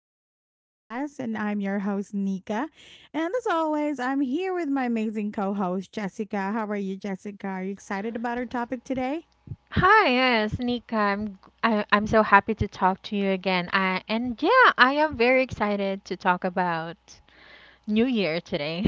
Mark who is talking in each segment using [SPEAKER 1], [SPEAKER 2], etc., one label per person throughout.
[SPEAKER 1] back to the podcast. And I'm your host, Nika. And as always, I'm here with my amazing co host, Jessica. How are you, Jessica? Are you excited about our topic today?
[SPEAKER 2] Hi, yes, Nika. I'm so happy to talk to you again. And yeah, I am very excited to talk about New Year today.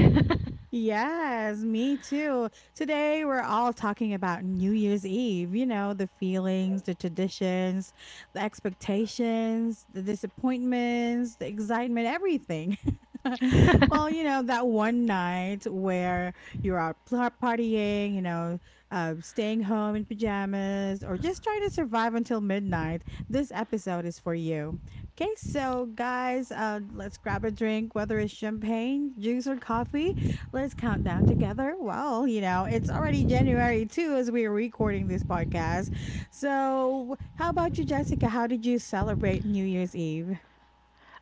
[SPEAKER 1] Yes, me too. Today, we're all talking about New Year's Eve, you know, the feelings, the traditions, the expectations, the disappointments, the excitement, everything. Well, you know, that one night where you're out partying, staying home in pajamas, or just trying to survive until midnight, this episode is for you. Okay, so guys, let's grab a drink, whether it's champagne, juice, or coffee. Let's count down together. Well, you know, it's already January too as we are recording this podcast. So, how about you, Jessica? How did you celebrate New Year's Eve?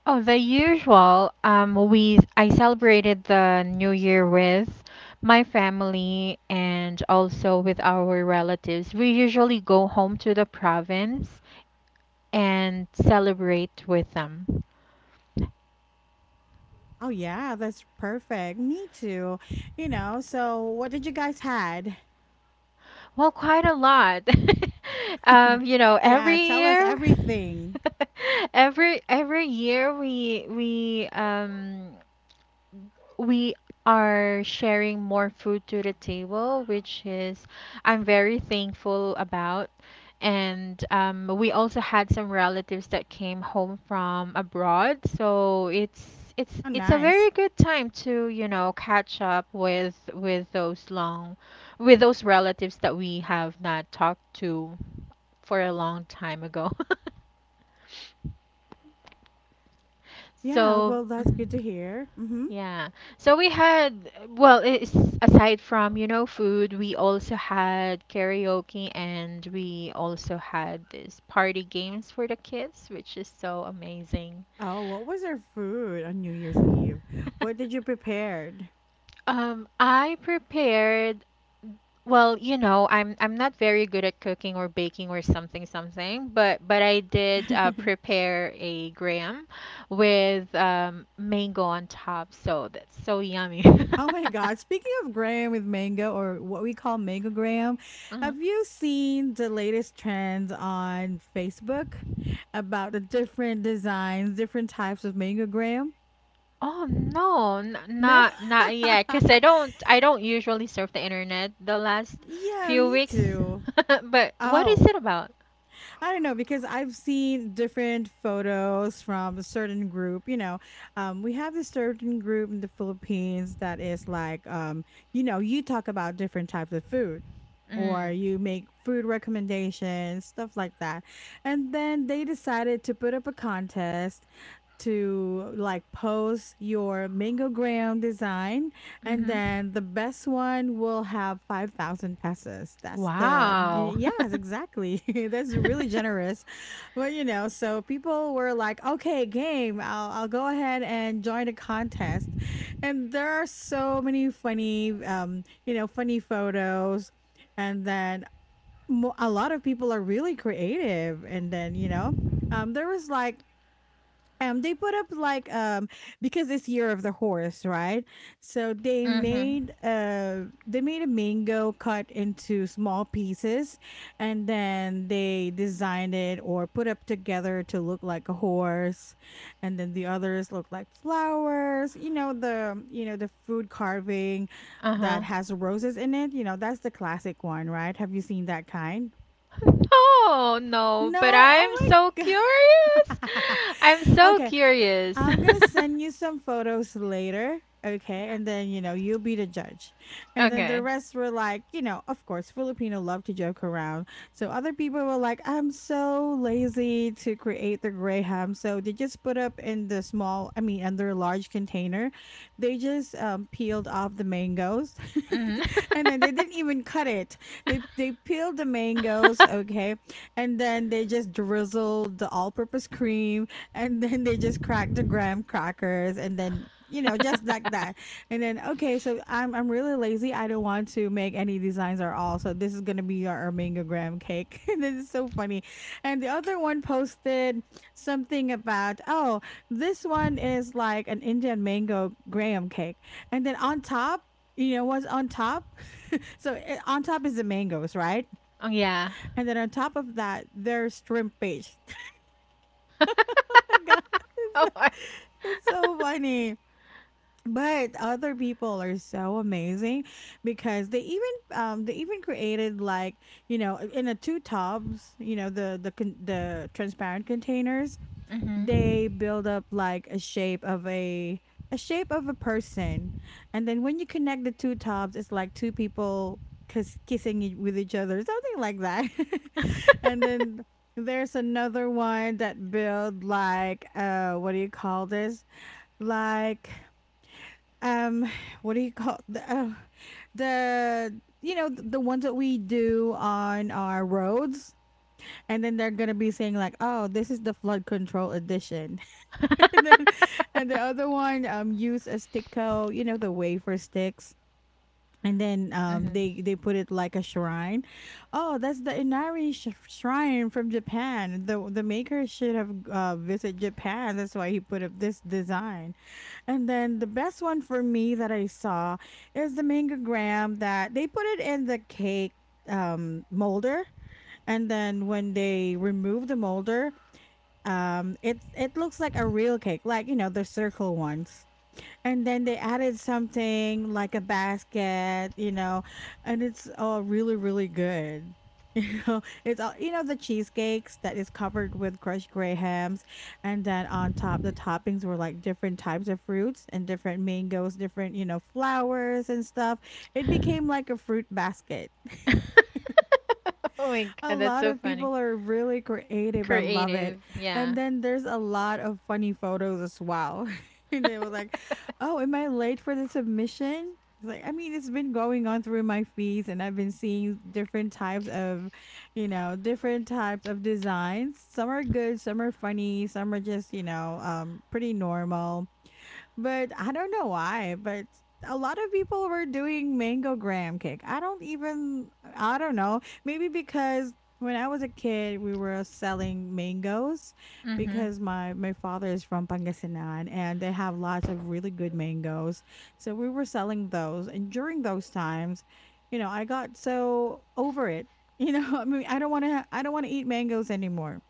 [SPEAKER 2] Oh, the usual. We I celebrated the New Year with my family and also with our relatives. We usually go home to the province and celebrate with them.
[SPEAKER 1] Oh, yeah, that's perfect. Me too. You know, so what did you guys had?
[SPEAKER 2] Well, quite a lot. You know,
[SPEAKER 1] Yeah,
[SPEAKER 2] every
[SPEAKER 1] tell us
[SPEAKER 2] year,
[SPEAKER 1] everything.
[SPEAKER 2] every year we are sharing more food to the table, which is I'm very thankful about. And we also had some relatives that came home from abroad, so it's it's
[SPEAKER 1] Oh,
[SPEAKER 2] it's a
[SPEAKER 1] nice.
[SPEAKER 2] very good time to catch up with those long with those relatives that we have not talked to for a long time ago.
[SPEAKER 1] Yeah,
[SPEAKER 2] So,
[SPEAKER 1] well, that's good
[SPEAKER 2] mhm.
[SPEAKER 1] to hear. Mm-hmm.
[SPEAKER 2] Yeah. So we had, well, it's, aside from food, we also had karaoke and we also had this party games for the kids, which is so amazing.
[SPEAKER 1] Oh, what was our food on New Year's Eve? What did you prepared?
[SPEAKER 2] I prepared, well, you know, I'm not very good at cooking or baking or something something, but I did prepare a graham with mango on top, so that's so yummy.
[SPEAKER 1] Oh my God. Speaking of graham with mango or what we call mango graham,
[SPEAKER 2] Mhm.
[SPEAKER 1] have you seen the latest trends on Facebook about the different designs, different types of mango graham?
[SPEAKER 2] Oh no, n-
[SPEAKER 1] No?
[SPEAKER 2] not not yet, cause I don't usually surf the internet the last
[SPEAKER 1] Yeah,
[SPEAKER 2] few
[SPEAKER 1] me
[SPEAKER 2] weeks.
[SPEAKER 1] too.
[SPEAKER 2] But what is
[SPEAKER 1] Oh,
[SPEAKER 2] it about?
[SPEAKER 1] I don't know because I've seen different photos from a certain group. You know, we have this certain group in the Philippines that is like, you know, you talk about different types of food or
[SPEAKER 2] Mm.
[SPEAKER 1] you make food recommendations, stuff like that. And then they decided to put up a contest to like post your mangogram design, and
[SPEAKER 2] Mm-hmm.
[SPEAKER 1] then the best one will have 5,000 pesos. That's the,
[SPEAKER 2] Wow.
[SPEAKER 1] yes, exactly. That's really generous, but you know, so people were like, okay, I'll go ahead and join a contest. And there are so many funny, you know, funny photos. And then a lot of people are really creative. And then, you know, there was like they put up like because it's year of the horse, right? So they
[SPEAKER 2] Mm-hmm.
[SPEAKER 1] made a mango cut into small pieces, and then they designed it or put up together to look like a horse. And then the others look like flowers, you know, the food carving that
[SPEAKER 2] Uh-huh.
[SPEAKER 1] has roses in it. You know, that's the classic one, right? Have you seen that kind?
[SPEAKER 2] No, no,
[SPEAKER 1] No.
[SPEAKER 2] but I'm
[SPEAKER 1] Oh
[SPEAKER 2] so
[SPEAKER 1] my
[SPEAKER 2] curious.
[SPEAKER 1] god.
[SPEAKER 2] I'm so
[SPEAKER 1] Okay,
[SPEAKER 2] curious.
[SPEAKER 1] I'm gonna send you some photos later. Okay. And then, you know, you'll be the judge. And then the
[SPEAKER 2] Okay.
[SPEAKER 1] rest were like, you know, of course, Filipino love to joke around. So other people were like, I'm so lazy to create the gray. So they just put up in the small, I mean, under a large container. They just peeled off the mangoes.
[SPEAKER 2] Mm.
[SPEAKER 1] And then they didn't even cut it. They peeled the mangoes, okay, and then they just drizzled the all-purpose cream, and then they just crack the graham crackers, and then, you know, just like that. And then, okay, so I'm really lazy, I don't want to make any designs at all, so this is going to be our mango graham cake. And then it's so funny. And the other one posted something about, oh, this one is like an indian mango graham cake. And then on top, you know what's on top? On top is the mangoes, right?
[SPEAKER 2] Oh yeah.
[SPEAKER 1] And then on top of that there's shrimp paste. My god.
[SPEAKER 2] Oh my
[SPEAKER 1] It's so funny. But other people are so amazing, because they even created like, you know, in a two tubs, you know, the transparent containers.
[SPEAKER 2] Mhm.
[SPEAKER 1] They build up like a shape of a shape of a person. And then when you connect the two tops, it's like two people kissing with each other, something like that. And then there's another one that build like, what do you call this, like, um what do you call the, the, you know, the ones that we do on our roads, and then they're gonna be saying like, oh, this is the flood control edition. And then, and the other one used a sticko, you know, the wafer sticks. And then um
[SPEAKER 2] Mhm.
[SPEAKER 1] they they put it like a shrine. Oh, that's the Inari shrine from Japan. The maker should have visited Japan. That's why he put up this design. And then the best one for me that I saw is the mangogram that they put it in the cake molder. And then when they remove the molder, it it looks like a real cake, like, you know, the circle ones. And then they added something like a basket, you know. And it's all really, really good. You know, it's all, you know, the cheesecakes that is covered with crushed gray hams. And then on top the toppings were like different types of fruits and different mangoes, different, you know, flowers and stuff. It became like a fruit basket.
[SPEAKER 2] Oh my
[SPEAKER 1] A
[SPEAKER 2] god, that's
[SPEAKER 1] lot
[SPEAKER 2] so
[SPEAKER 1] of
[SPEAKER 2] funny.
[SPEAKER 1] people are really creative. I love it.
[SPEAKER 2] Creative, yeah.
[SPEAKER 1] And then there's a lot of funny photos as well. And they were like, "Oh, am I late for the submission?" It's like, I mean, it's been going on through my feeds, and I've been seeing different types of, you know, different types of designs. Some are good, some are funny, some are just, you know, pretty normal. But I don't know why, but a lot of people were doing mango graham cake. I don't even, I don't know. Maybe because when I was a kid, we were selling mangoes,
[SPEAKER 2] Mhm.
[SPEAKER 1] because my father is from Pangasinan and they have lots of really good mangoes. So we were selling those, and during those times, you know, I got so over it. You know, I mean, I don't want to eat mangoes anymore.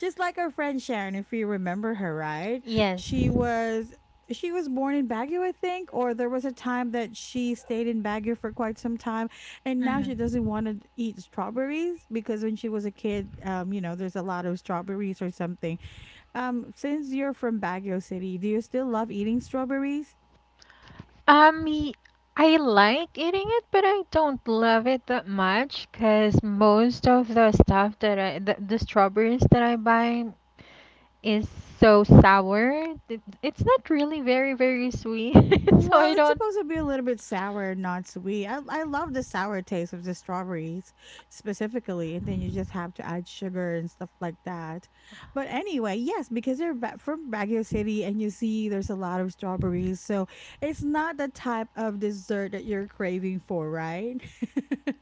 [SPEAKER 1] Just like our friend Sharon, if you remember her, right?
[SPEAKER 2] Yes.
[SPEAKER 1] She was she was born in Baguio, I think, or there was a time that she stayed in Baguio for quite some time, and now she doesn't
[SPEAKER 2] Mhm.
[SPEAKER 1] want to eat strawberries because when she was a kid, you know, there's a lot of strawberries or something. Since you're from Baguio City, do you still love eating strawberries?
[SPEAKER 2] Um, y- I like eating it, but I don't love it that much because most of the stuff that the strawberries that I buy is so sour. It's not really very, very sweet. So
[SPEAKER 1] Well,
[SPEAKER 2] I
[SPEAKER 1] it's
[SPEAKER 2] don't.
[SPEAKER 1] supposed to be a little bit sour, not sweet. I love the sour taste of the strawberries specifically, and then you just have to add sugar and stuff like that. But anyway, yes, because you're from Baguio City and you see there's a lot of strawberries, so it's not the type of dessert that you're craving for, right?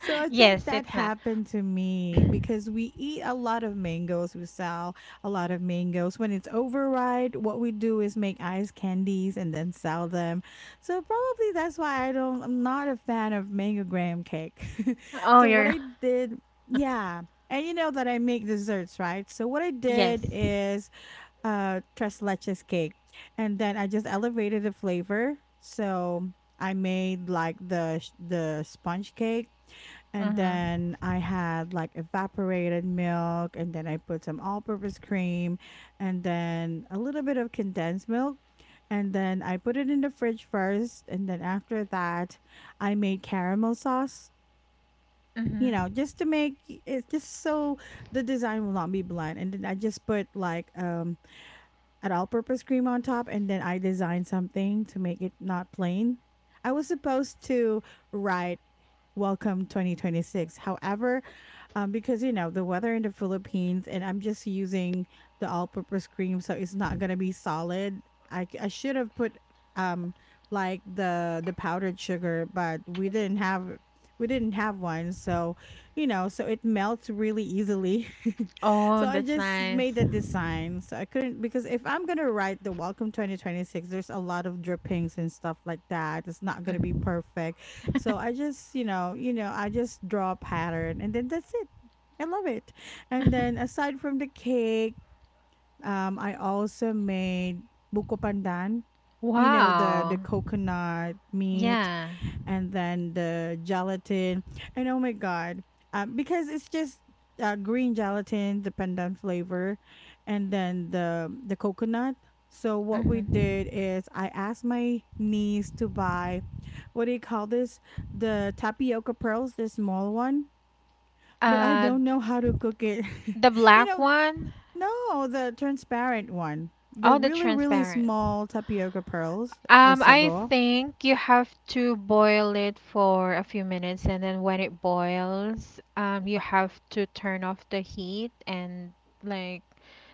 [SPEAKER 1] So I think
[SPEAKER 2] Yes,
[SPEAKER 1] that
[SPEAKER 2] it's not.
[SPEAKER 1] happened to me because we eat a lot of mangoes. We sell a lot of mangoes. When it's overripe, what we do is make ice candies and then sell them. So probably that's why I'm not a fan of mango graham cake.
[SPEAKER 2] Oh,
[SPEAKER 1] So what
[SPEAKER 2] you're.
[SPEAKER 1] I did, yeah. And you know that I make desserts, right? So what I did,
[SPEAKER 2] Yes.
[SPEAKER 1] tres leches cake. And then I just elevated the flavor. So I made like the the sponge cake, and
[SPEAKER 2] Mm
[SPEAKER 1] then I had like evaporated milk, and then I put some all-purpose cream, and then a little bit of condensed milk, and then I put it in the fridge first. And then after that I made caramel sauce,
[SPEAKER 2] hmm. Mm
[SPEAKER 1] you
[SPEAKER 2] hmm.
[SPEAKER 1] know, just to make it, just so the design will not be bland. And then I just put like an all-purpose cream on top, and then I designed something to make it not plain. I was supposed to write "Welcome 2026." However, because you know the weather in the Philippines, and I'm just using the all-purpose cream, so it's not gonna be solid. I should have put um like the powdered sugar, but we didn't have one. So, you know, so it melts really easily. So
[SPEAKER 2] Oh,
[SPEAKER 1] I
[SPEAKER 2] that's
[SPEAKER 1] just made
[SPEAKER 2] nice.
[SPEAKER 1] the design. So I couldn't, because if I'm gonna write the welcome 2026, there's a lot of drippings and stuff like that. It's not gonna be
[SPEAKER 2] Mm.
[SPEAKER 1] perfect. So I just, you know, I just draw a pattern, and then that's it. I love it. And then aside from the cake, I also made buko pandan, you know, the
[SPEAKER 2] Wow.
[SPEAKER 1] coconut meat
[SPEAKER 2] Yeah.
[SPEAKER 1] and then the gelatin. And oh my god, because it's just green gelatin, the pandan flavor, and then the coconut. So
[SPEAKER 2] Mm
[SPEAKER 1] what we
[SPEAKER 2] hmm.
[SPEAKER 1] did is I asked my niece to buy, what do you call this? The tapioca pearls, the small one. But I
[SPEAKER 2] Uh,
[SPEAKER 1] don't know how to cook it.
[SPEAKER 2] the
[SPEAKER 1] You
[SPEAKER 2] black
[SPEAKER 1] know,
[SPEAKER 2] one?
[SPEAKER 1] no, the transparent one. They're
[SPEAKER 2] Oh, the
[SPEAKER 1] really, really
[SPEAKER 2] transparent.
[SPEAKER 1] small tapioca pearls or
[SPEAKER 2] I
[SPEAKER 1] sago.
[SPEAKER 2] think you have to boil it for a few minutes, and then when it boils, you have to turn off the heat and like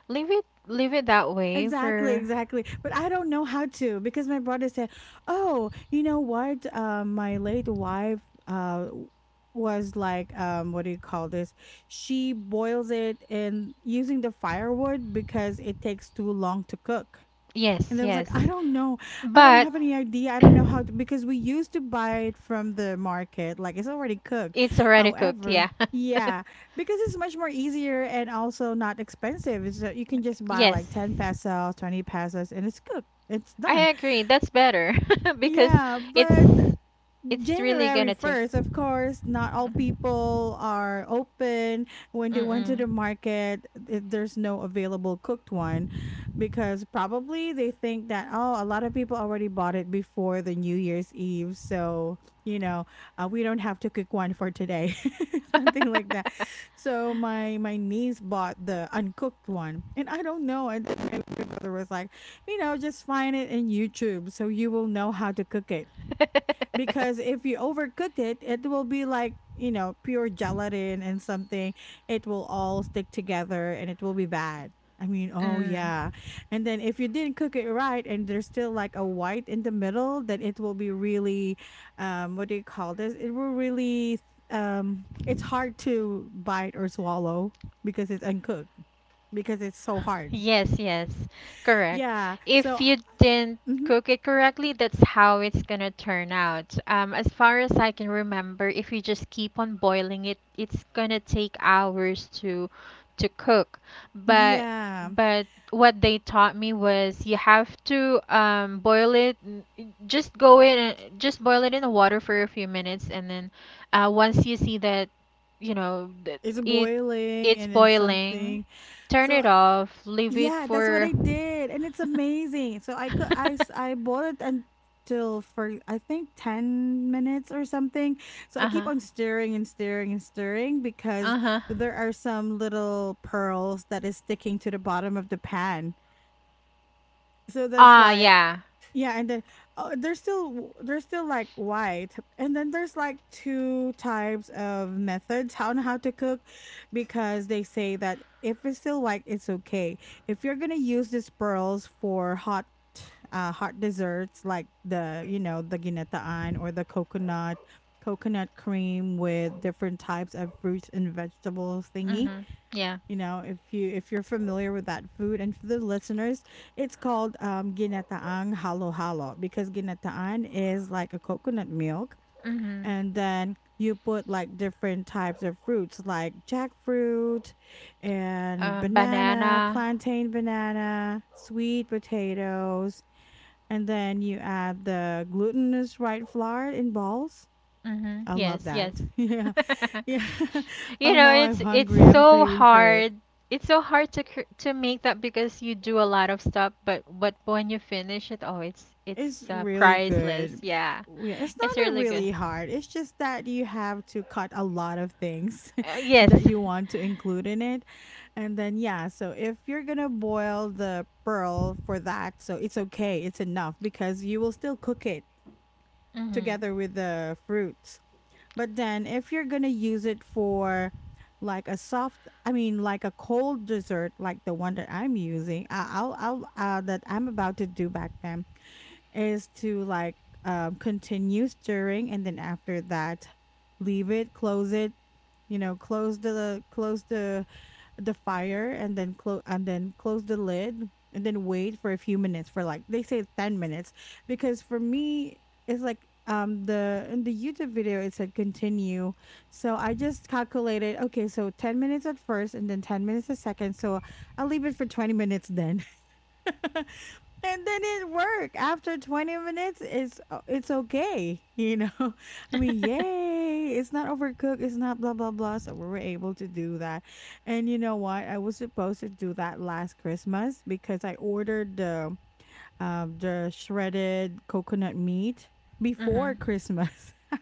[SPEAKER 2] leave it that way
[SPEAKER 1] Exactly,
[SPEAKER 2] for
[SPEAKER 1] exactly. But I don't know how to because my brother said, "Oh, you know what? My late wife uh w- was like, what do you call this? She boils it in using the firewood because it takes too long to cook."
[SPEAKER 2] yes,
[SPEAKER 1] And I was like,
[SPEAKER 2] yes.
[SPEAKER 1] I don't know. I don't
[SPEAKER 2] But
[SPEAKER 1] have any idea. I don't know how to, because we used to buy it from the market, like it's already cooked.
[SPEAKER 2] it's already cooked,
[SPEAKER 1] However,
[SPEAKER 2] yeah.
[SPEAKER 1] yeah, because it's much more easier and also not expensive. It's that you can just buy like
[SPEAKER 2] Yes.
[SPEAKER 1] 10 pesos, 20 pesos, and it's cooked. It's
[SPEAKER 2] I
[SPEAKER 1] done.
[SPEAKER 2] agree. That's better because
[SPEAKER 1] Yeah, but
[SPEAKER 2] it's it's really
[SPEAKER 1] January
[SPEAKER 2] gonna take.
[SPEAKER 1] 1st, of course, not all
[SPEAKER 2] Mm-hmm.
[SPEAKER 1] people are open. When they went
[SPEAKER 2] Mm-mm.
[SPEAKER 1] to the market, there's no available cooked one because probably they think that, oh, a lot of people already bought it before the New Year's Eve. So, you know, we don't have to cook one for today, something like that. So my niece bought the uncooked one. And I don't know. And then my grandmother was like, you know, just find it in YouTube so you will know how to cook it. Because if you overcook it, it will be like, you know, pure gelatin and something. It will all stick together and it will be bad. I mean, oh
[SPEAKER 2] Mm.
[SPEAKER 1] yeah. And then if you didn't cook it right and there's still like a white in the middle, then it will be really, what do you call this? It will really, it's hard to bite or swallow because it's uncooked, because it's so hard.
[SPEAKER 2] Yes, yes, correct.
[SPEAKER 1] Yeah.
[SPEAKER 2] If
[SPEAKER 1] So,
[SPEAKER 2] you didn't
[SPEAKER 1] mhm,
[SPEAKER 2] cook it correctly, that's how it's gonna turn out. As far as I can remember, if you just keep on boiling it, it's gonna take hours to cook. But
[SPEAKER 1] yeah,
[SPEAKER 2] but what they taught me was you have to boil it. Just go in, just boil it in the water for a few minutes, and then once you see that, you know, that
[SPEAKER 1] it's
[SPEAKER 2] it
[SPEAKER 1] boiling
[SPEAKER 2] it's
[SPEAKER 1] and then some.
[SPEAKER 2] boiling. Turn
[SPEAKER 1] So
[SPEAKER 2] it off, leave it
[SPEAKER 1] yeah, that's what
[SPEAKER 2] for
[SPEAKER 1] I did, and it's amazing. So I could I bought it until for I think 10 minutes or something. So I keep
[SPEAKER 2] Uh-huh.
[SPEAKER 1] on stirring and stirring and stirring because
[SPEAKER 2] Uh-huh.
[SPEAKER 1] there are some little pearls that is sticking to the bottom of the pan. So that's
[SPEAKER 2] Ah,
[SPEAKER 1] why
[SPEAKER 2] yeah.
[SPEAKER 1] yeah, and then oh, they're still like white, and then there's like two types of methods how on how to cook, because they say that if it's still white, it's okay. If you're gonna use these pearls for hot, hot desserts like the you know the ginataan or the coconut cream with different types of fruits and vegetable thingy,
[SPEAKER 2] Mm-hmm. Yeah.
[SPEAKER 1] you know, if you if you're familiar with that food. And for the listeners, it's called ginataang halo halo, because ginataan is like a coconut milk,
[SPEAKER 2] Mm-hmm.
[SPEAKER 1] and then you put like different types of fruits like jackfruit and banana
[SPEAKER 2] Banana.
[SPEAKER 1] plantain banana sweet potatoes, and then you add the glutinous white flour in balls.
[SPEAKER 2] Mm-hmm.
[SPEAKER 1] I love
[SPEAKER 2] Yes, yes.
[SPEAKER 1] that. Yeah. Yeah.
[SPEAKER 2] You
[SPEAKER 1] Oh,
[SPEAKER 2] know,
[SPEAKER 1] now I'm
[SPEAKER 2] it's
[SPEAKER 1] hungry, I'm
[SPEAKER 2] so
[SPEAKER 1] craving for
[SPEAKER 2] hard. It's so hard to to make that because you do a lot of stuff, but when you finish it, oh, it's
[SPEAKER 1] It's
[SPEAKER 2] it's
[SPEAKER 1] really
[SPEAKER 2] priceless.
[SPEAKER 1] good.
[SPEAKER 2] Yeah.
[SPEAKER 1] Yeah, it's
[SPEAKER 2] It's
[SPEAKER 1] not a
[SPEAKER 2] really good.
[SPEAKER 1] really hard. It's just that you have to cut a lot of things
[SPEAKER 2] Yes.
[SPEAKER 1] that you want to include in it. And then yeah, so if you're going to boil the pearl for that, so it's okay, it's enough because you will still cook it
[SPEAKER 2] Mm-hmm.
[SPEAKER 1] together with the fruits. But then if you're going to use it for like a soft, I mean like a cold dessert like the one that I'm using, I'll that I'm about to do back then is to like continue stirring and then after that leave it, close it, you know, close the close the fire, and then close, and then close the lid, and then wait for a few minutes for like they say 10 minutes. Because for me, it's like the in the YouTube video it said continue. So I just calculated, okay, so 10 minutes at first and then 10 minutes a second, so I'll leave it for 20 minutes then. And then it worked. After 20 minutes, it's okay, you know. I mean, yay, it's not overcooked, it's not blah blah blah. So we were able to do that. And you know what? I was supposed to do that last Christmas because I ordered the shredded coconut meat before
[SPEAKER 2] Mm-hmm.
[SPEAKER 1] Christmas.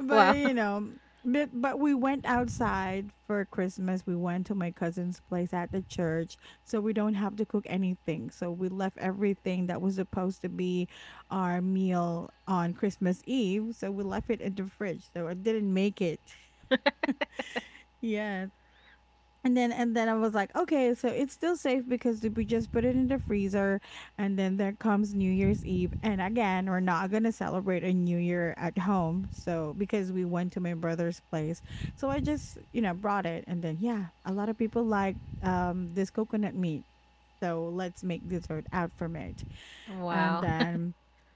[SPEAKER 1] But
[SPEAKER 2] Wow.
[SPEAKER 1] you know, but we went outside for Christmas. We went to my cousin's place at the church, so we don't have to cook anything. So we left everything that was supposed to be our meal on Christmas Eve. So we left it in the fridge. So I didn't make it. Yes, and then I was like, okay, so it's still safe because we just put it in the freezer, and then there comes New Year's Eve. And again, we're not gonna celebrate a new year at home. So because we went to my brother's place. So I just, you know, brought it, and then yeah, a lot of people like this coconut meat. So let's make dessert out from it, and
[SPEAKER 2] Wow.
[SPEAKER 1] then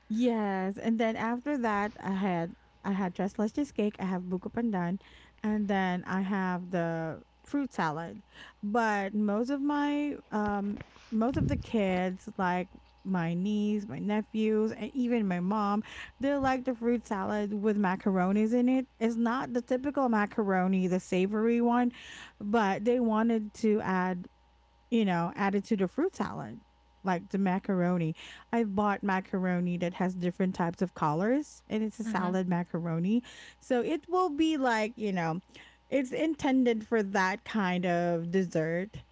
[SPEAKER 1] yes, and then after that, I had restless cheesecake. I have buko pandan, and then I have the fruit salad. But most of the kids like my niece, my nephews, and even my mom, they like the fruit salad with macaronis in it. It's not the typical macaroni, the savory one, but they wanted to add, you know, added to the fruit salad, like the macaroni. I've bought macaroni that has different types of colors, and it's a
[SPEAKER 2] Mhm.
[SPEAKER 1] salad macaroni. So it will be like, you know, it's intended for that kind of dessert.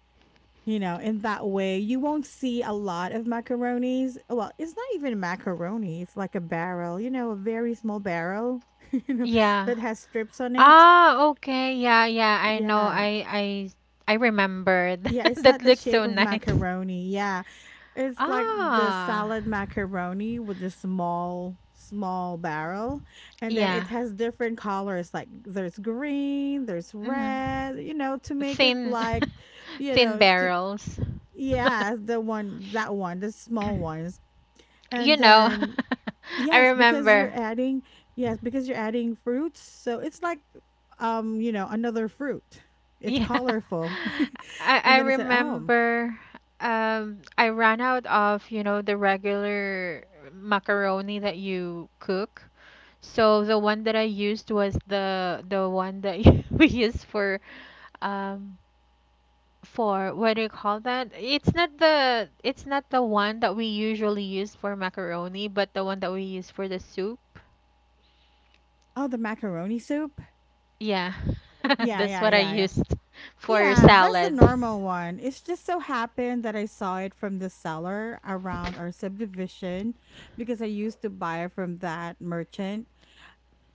[SPEAKER 1] You know, in that way, you won't see a lot of macaronis. Well, it's not even a macaroni, it's like a barrel, you know, a very small barrel, you know,
[SPEAKER 2] Yeah.
[SPEAKER 1] that has strips on it.
[SPEAKER 2] Ah, okay. Yeah, yeah. I know.
[SPEAKER 1] Yeah.
[SPEAKER 2] I remembered.
[SPEAKER 1] Yeah, it's
[SPEAKER 2] That that
[SPEAKER 1] not the
[SPEAKER 2] looks
[SPEAKER 1] shape
[SPEAKER 2] so
[SPEAKER 1] of
[SPEAKER 2] nice.
[SPEAKER 1] macaroni. Yeah. It's like the
[SPEAKER 2] Ah.
[SPEAKER 1] salad macaroni with a small, small barrel. And then
[SPEAKER 2] Yeah.
[SPEAKER 1] it has different colors like there's green, there's
[SPEAKER 2] Mhm.
[SPEAKER 1] red, you know, to make it
[SPEAKER 2] Thin
[SPEAKER 1] like, you
[SPEAKER 2] thin
[SPEAKER 1] know,
[SPEAKER 2] barrels.
[SPEAKER 1] yeah, the one, that one, the small ones.
[SPEAKER 2] You
[SPEAKER 1] And
[SPEAKER 2] know,
[SPEAKER 1] then,
[SPEAKER 2] I
[SPEAKER 1] yes, because
[SPEAKER 2] remember.
[SPEAKER 1] you're adding, yes, because you're adding fruits. So it's like, you know, another fruit. It's
[SPEAKER 2] Yeah.
[SPEAKER 1] colorful.
[SPEAKER 2] I
[SPEAKER 1] And
[SPEAKER 2] I
[SPEAKER 1] then I said, oh,
[SPEAKER 2] remember I ran out of, you know, the regular macaroni that you cook. So the one that I used was the one that you we use um for what do you call that? It's not the one that we usually use for macaroni, but the one that we use for the soup.
[SPEAKER 1] oh, the macaroni soup.
[SPEAKER 2] Yeah.
[SPEAKER 1] Yeah,
[SPEAKER 2] That's
[SPEAKER 1] yeah,
[SPEAKER 2] what I
[SPEAKER 1] yeah, yeah.
[SPEAKER 2] used for
[SPEAKER 1] Yeah, that's the
[SPEAKER 2] salad.
[SPEAKER 1] normal one. It's just so happened that I saw it from the seller around our subdivision, because I used to buy from that merchant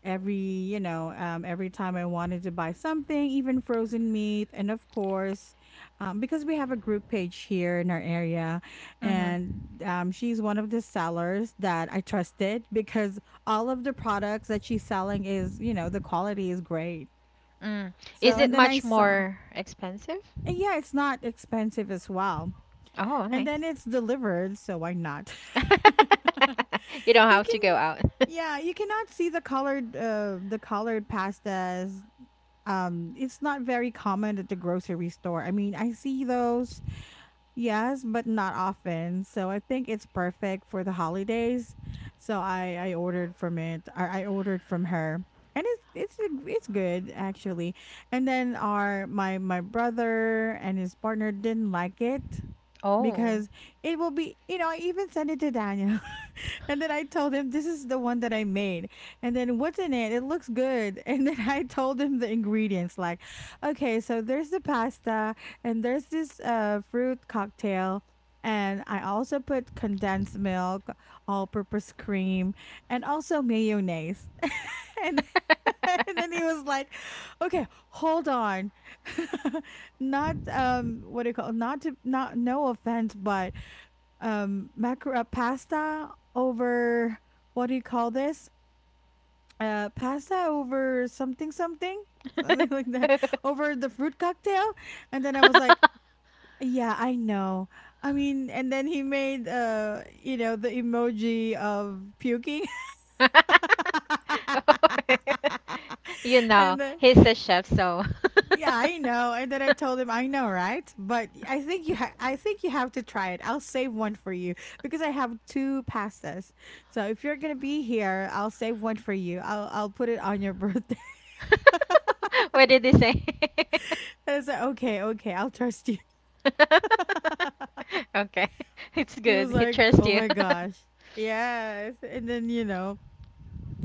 [SPEAKER 1] every, you know, every time I wanted to buy something, even frozen meat. And of course, because we have a group page here in our area,
[SPEAKER 2] Mm-hmm.
[SPEAKER 1] and she's one of the sellers that I trusted, because all of the products that she's selling is, you know, the quality is great.
[SPEAKER 2] Mm.
[SPEAKER 1] So,
[SPEAKER 2] Is it
[SPEAKER 1] and then I
[SPEAKER 2] much
[SPEAKER 1] saw
[SPEAKER 2] more expensive?
[SPEAKER 1] yeah, it's not expensive as well.
[SPEAKER 2] Oh,
[SPEAKER 1] And then
[SPEAKER 2] nice.
[SPEAKER 1] it's delivered, so why not? You
[SPEAKER 2] You don't have
[SPEAKER 1] can,
[SPEAKER 2] to go out.
[SPEAKER 1] yeah, you cannot see the colored pastas. Um, it's not very common at the grocery store. I mean, I see those. Yes, but not often. So I think it's perfect for the holidays. So I ordered from it. I ordered from her, and it's good actually. And then our my brother and his partner didn't like it
[SPEAKER 2] Oh.
[SPEAKER 1] because it will be, you know, I even sent it to Daniel. And then I told him, this is the one that I made. And then what's in it? It looks good. And then I told him the ingredients like, okay, so there's the pasta and there's this fruit cocktail. And I also put condensed milk, all purpose cream, and also mayonnaise. And, and then he was like, okay, hold on. Not, what do you call, not to, not, no offense, but macro pasta over what do you call this? Pasta over something something something like that over the fruit cocktail, and then I was like, yeah, I know. I mean, and then he made you know the emoji of puking.
[SPEAKER 2] You know,
[SPEAKER 1] And then
[SPEAKER 2] he's a chef, so.
[SPEAKER 1] yeah, I know. And then I told him, I know, right? But I think you have to try it. I'll save one for you because I have two pastas. So if you're gonna be here, I'll save one for you. I'll put it on your birthday.
[SPEAKER 2] What did he say?
[SPEAKER 1] I was like, okay, okay, I'll trust you.
[SPEAKER 2] Okay, it's
[SPEAKER 1] He
[SPEAKER 2] good.
[SPEAKER 1] was
[SPEAKER 2] He
[SPEAKER 1] like,
[SPEAKER 2] trusts
[SPEAKER 1] oh
[SPEAKER 2] you.
[SPEAKER 1] my gosh. Yes. And then, you know,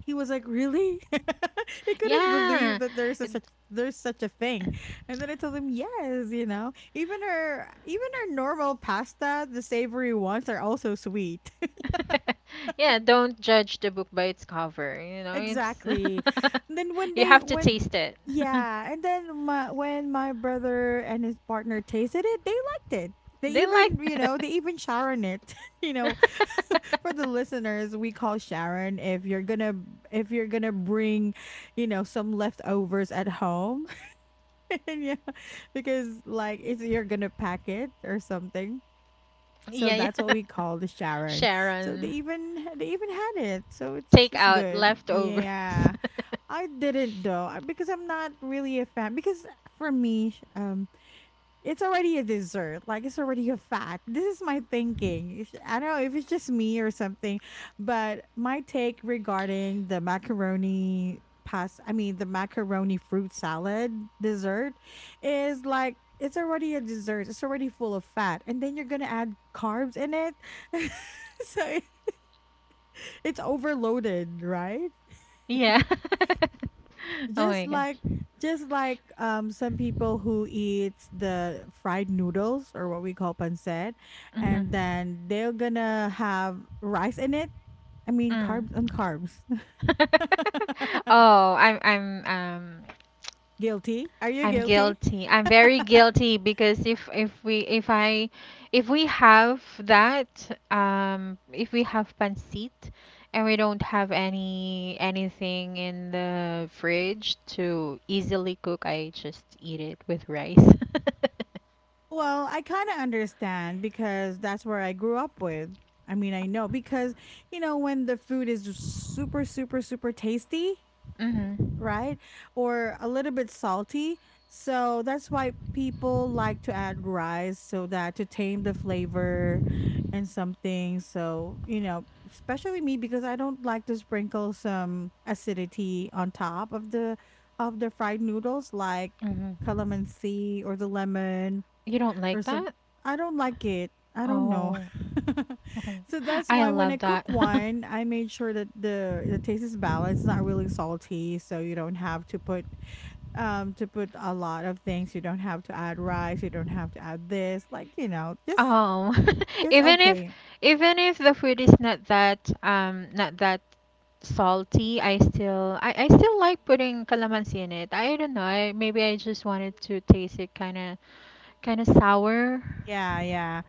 [SPEAKER 1] he was like, "Really?" He couldn't believe
[SPEAKER 2] Yeah.
[SPEAKER 1] that
[SPEAKER 2] It-
[SPEAKER 1] there's such a thing. And then I told him, "Yes, you know, even our normal pasta, the savory ones are also sweet."
[SPEAKER 2] Yeah, don't judge the book by its cover. You know, it's
[SPEAKER 1] Exactly. And then when
[SPEAKER 2] you
[SPEAKER 1] they
[SPEAKER 2] have to
[SPEAKER 1] when
[SPEAKER 2] taste it.
[SPEAKER 1] yeah, and then my when my brother and his partner tasted it, they liked it. They
[SPEAKER 2] They like
[SPEAKER 1] even, you know, they even Sharon it. You know, for the listeners, we call Sharon if you're gonna bring, you know, some leftovers at home. And yeah, because like it's you're gonna pack it or something. So
[SPEAKER 2] Yeah, yeah.
[SPEAKER 1] that's what we call the Sharon. So they
[SPEAKER 2] Sharon,
[SPEAKER 1] even they even had it. So it's
[SPEAKER 2] take
[SPEAKER 1] it's
[SPEAKER 2] out
[SPEAKER 1] good.
[SPEAKER 2] leftovers.
[SPEAKER 1] Yeah. I didn't though because I'm not really a fan. Because for me, it's already a dessert. Like it's already a fat. This is my thinking. I don't know if it's just me or something, but my take regarding the macaroni pasta. I mean, the macaroni fruit salad dessert is like it's already a dessert. It's already full of fat, and then you're gonna add carbs in it. so it- it's overloaded, right?
[SPEAKER 2] Yeah. Oh
[SPEAKER 1] Just
[SPEAKER 2] my
[SPEAKER 1] like,
[SPEAKER 2] gosh.
[SPEAKER 1] just like some people who eats the fried noodles or what we call pancit
[SPEAKER 2] Mhm.
[SPEAKER 1] and then they're gonna have rice in it. I mean
[SPEAKER 2] Mm.
[SPEAKER 1] carbs on carbs.
[SPEAKER 2] Oh,
[SPEAKER 1] Guilty, are you
[SPEAKER 2] I'm
[SPEAKER 1] guilty?
[SPEAKER 2] guilty. I'm very guilty because if we have pancit and we don't have anything in the fridge to easily cook, I just eat it with rice.
[SPEAKER 1] Well, I kind of understand because that's where I grew up with. I mean I know because, you know, when the food is just super super super tasty,
[SPEAKER 2] Mhm.
[SPEAKER 1] right? Or a little bit salty. So that's why people like to add rice so that to tame the flavor and something. So, you know, especially me because I don't like to sprinkle some acidity on top of the fried noodles like
[SPEAKER 2] Mhm.
[SPEAKER 1] calamansi or the lemon
[SPEAKER 2] You don't
[SPEAKER 1] or
[SPEAKER 2] like
[SPEAKER 1] some.
[SPEAKER 2] that?
[SPEAKER 1] I don't like it. I don't know.
[SPEAKER 2] Oh.
[SPEAKER 1] So that's
[SPEAKER 2] I
[SPEAKER 1] why when
[SPEAKER 2] love
[SPEAKER 1] I cook
[SPEAKER 2] that.
[SPEAKER 1] wine, I made sure that the taste is balanced, not really salty, so you don't have to put a lot of things. You don't have to add rice, you don't have to add this, like, you know, just
[SPEAKER 2] Oh,
[SPEAKER 1] it's
[SPEAKER 2] even if
[SPEAKER 1] okay.
[SPEAKER 2] the food is not that not that salty, I still like putting calamansi in it. I don't know. I maybe I just wanted to taste it kind of sour.
[SPEAKER 1] Yeah, yeah.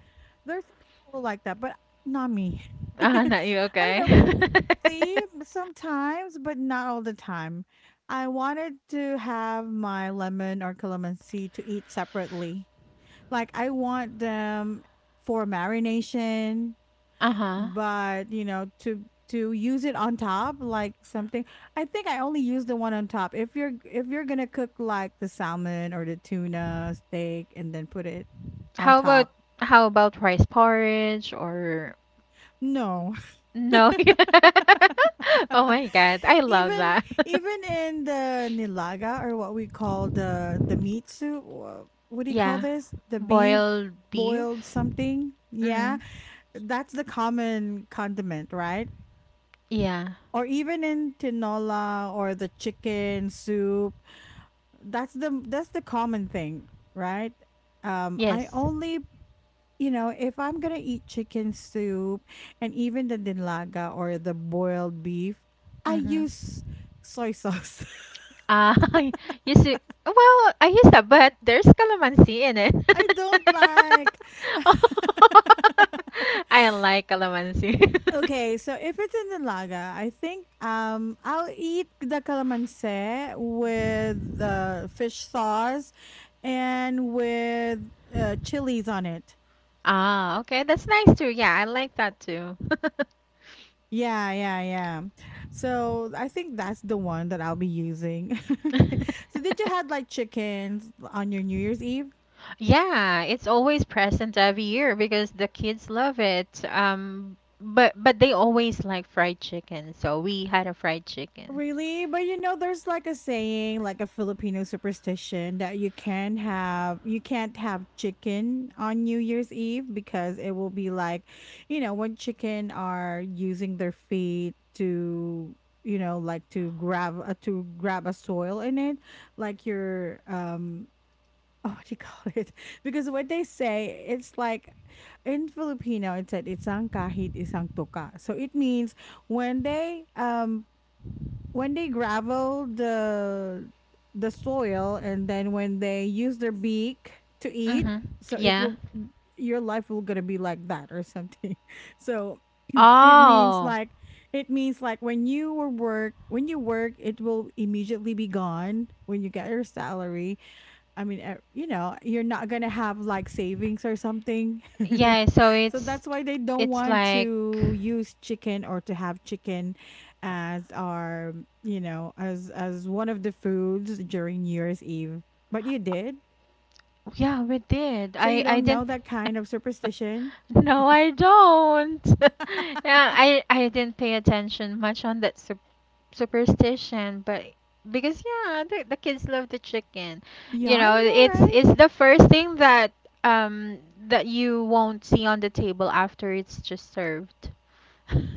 [SPEAKER 1] There's some people who like that, but not me. I
[SPEAKER 2] Ah, not
[SPEAKER 1] don't
[SPEAKER 2] you, okay.
[SPEAKER 1] know, maybe sometimes, but not all the time. I wanted to have my lemon or calamansi to eat separately. Like I want them for marination,
[SPEAKER 2] Uh-huh.
[SPEAKER 1] but you know, to use it on top, like something. I think I only use the one on top. If you're gonna cook like the salmon or the tuna steak and then put it on
[SPEAKER 2] How about
[SPEAKER 1] top,
[SPEAKER 2] rice porridge or
[SPEAKER 1] no.
[SPEAKER 2] no? Oh my God, I love
[SPEAKER 1] Even,
[SPEAKER 2] that.
[SPEAKER 1] even in the nilaga or what we call the meat soup, what do you call
[SPEAKER 2] Yeah,
[SPEAKER 1] this? The beef
[SPEAKER 2] boiled
[SPEAKER 1] boiled
[SPEAKER 2] beef.
[SPEAKER 1] something. Yeah,
[SPEAKER 2] Mm.
[SPEAKER 1] that's the common condiment, right?
[SPEAKER 2] Yeah.
[SPEAKER 1] Or even in tinola or the chicken soup, that's the common thing, right? Um, I
[SPEAKER 2] Yes.
[SPEAKER 1] only, you know, if I'm gonna eat chicken soup and even the dinlaga or the boiled beef, I
[SPEAKER 2] Mm-hmm.
[SPEAKER 1] use soy sauce.
[SPEAKER 2] Ah, you see, well, I use that, but there's calamansi in it.
[SPEAKER 1] I don't like.
[SPEAKER 2] I like calamansi.
[SPEAKER 1] Okay, so if it's in Nilaga, I think I'll eat the calamansi with the fish sauce and with chilies on it.
[SPEAKER 2] Ah, okay, that's nice too. Yeah, I like that too.
[SPEAKER 1] Yeah, yeah, yeah. So I think that's the one that I'll be using. Okay. So did you have like chickens on your New Year's Eve?
[SPEAKER 2] Yeah, it's always present every year because the kids love it. But they always like fried chicken, so we had a fried chicken.
[SPEAKER 1] Really? But you know, there's like a saying, like a Filipino superstition that you can't have chicken on New Year's Eve because it will be like, you know, when chicken are using their feet to, you know, like to grab a soil in it, like your Oh, what do you call it? Because what they say, it's like in Filipino, it said isang kahit isang toka. So it means when they um when they gravel the soil and then when they use their beak to eat,
[SPEAKER 2] Mm-hmm.
[SPEAKER 1] so it
[SPEAKER 2] Yeah.
[SPEAKER 1] will, your life will gonna be like that or something. So it means
[SPEAKER 2] Oh,
[SPEAKER 1] like, it means like when you work it will immediately be gone when you get your salary. I mean you know, you're not gonna have like savings or something.
[SPEAKER 2] yeah, so
[SPEAKER 1] So
[SPEAKER 2] it's
[SPEAKER 1] that's why they don't
[SPEAKER 2] it's
[SPEAKER 1] want
[SPEAKER 2] like
[SPEAKER 1] to use chicken or to have chicken as our, you know, as one of the foods during New Year's Eve. But you did.
[SPEAKER 2] yeah, we did.
[SPEAKER 1] So you
[SPEAKER 2] I
[SPEAKER 1] don't know
[SPEAKER 2] didn't
[SPEAKER 1] that kind of superstition?
[SPEAKER 2] No, I don't. Yeah, I didn't pay attention much on that superstition, but because yeah, the kids love the chicken.
[SPEAKER 1] Yeah,
[SPEAKER 2] You
[SPEAKER 1] I
[SPEAKER 2] know,
[SPEAKER 1] know, right?
[SPEAKER 2] it's the first thing that um that you won't see on the table after it's just served.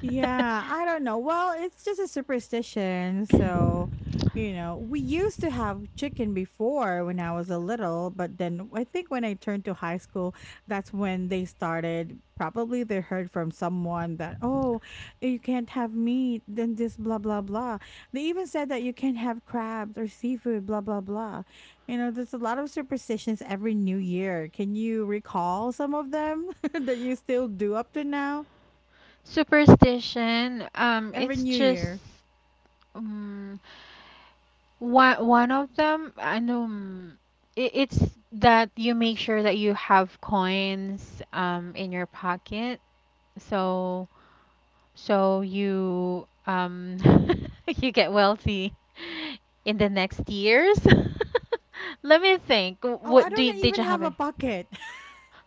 [SPEAKER 1] Yeah, I don't know. Well, it's just a superstition. So, you know, we used to have chicken before when I was a little, but then I think when I turned to high school, that's when they started. Probably they heard from someone that, oh, you can't have meat, then this, blah, blah, blah. They even said that you can't have crabs or seafood, blah, blah, blah. You know, there's a lot of superstitions every new year. Can you recall some of them that you still do up to now?
[SPEAKER 2] Superstition,
[SPEAKER 1] Every
[SPEAKER 2] it's
[SPEAKER 1] new
[SPEAKER 2] just
[SPEAKER 1] year.
[SPEAKER 2] um, one of them. I know it's that you make sure that you have coins in your pocket, so you you get wealthy in the next years. Let me think.
[SPEAKER 1] Oh, I
[SPEAKER 2] What do
[SPEAKER 1] don't
[SPEAKER 2] you, did
[SPEAKER 1] even
[SPEAKER 2] you have?
[SPEAKER 1] have a
[SPEAKER 2] Any?
[SPEAKER 1] bucket.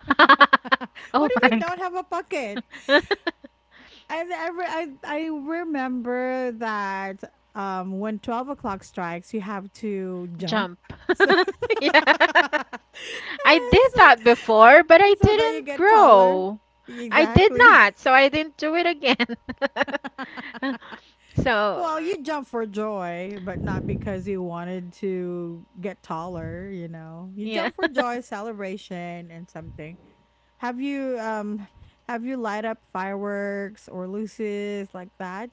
[SPEAKER 2] Oh
[SPEAKER 1] What if
[SPEAKER 2] my
[SPEAKER 1] you
[SPEAKER 2] God.
[SPEAKER 1] don't have a bucket? I've ever I remember that when 12 o'clock strikes, you have to jump.
[SPEAKER 2] Jump.
[SPEAKER 1] So
[SPEAKER 2] Yeah. I did
[SPEAKER 1] so,
[SPEAKER 2] that before, but I
[SPEAKER 1] so that you
[SPEAKER 2] didn't
[SPEAKER 1] get taller.
[SPEAKER 2] grow. I did
[SPEAKER 1] Exactly.
[SPEAKER 2] not, so I didn't do it again. So,
[SPEAKER 1] Well, you jump for joy, but not because you wanted to get taller, you know. You
[SPEAKER 2] yeah.
[SPEAKER 1] jump for joy, celebration and something. Have you um have you light up fireworks or luces like that?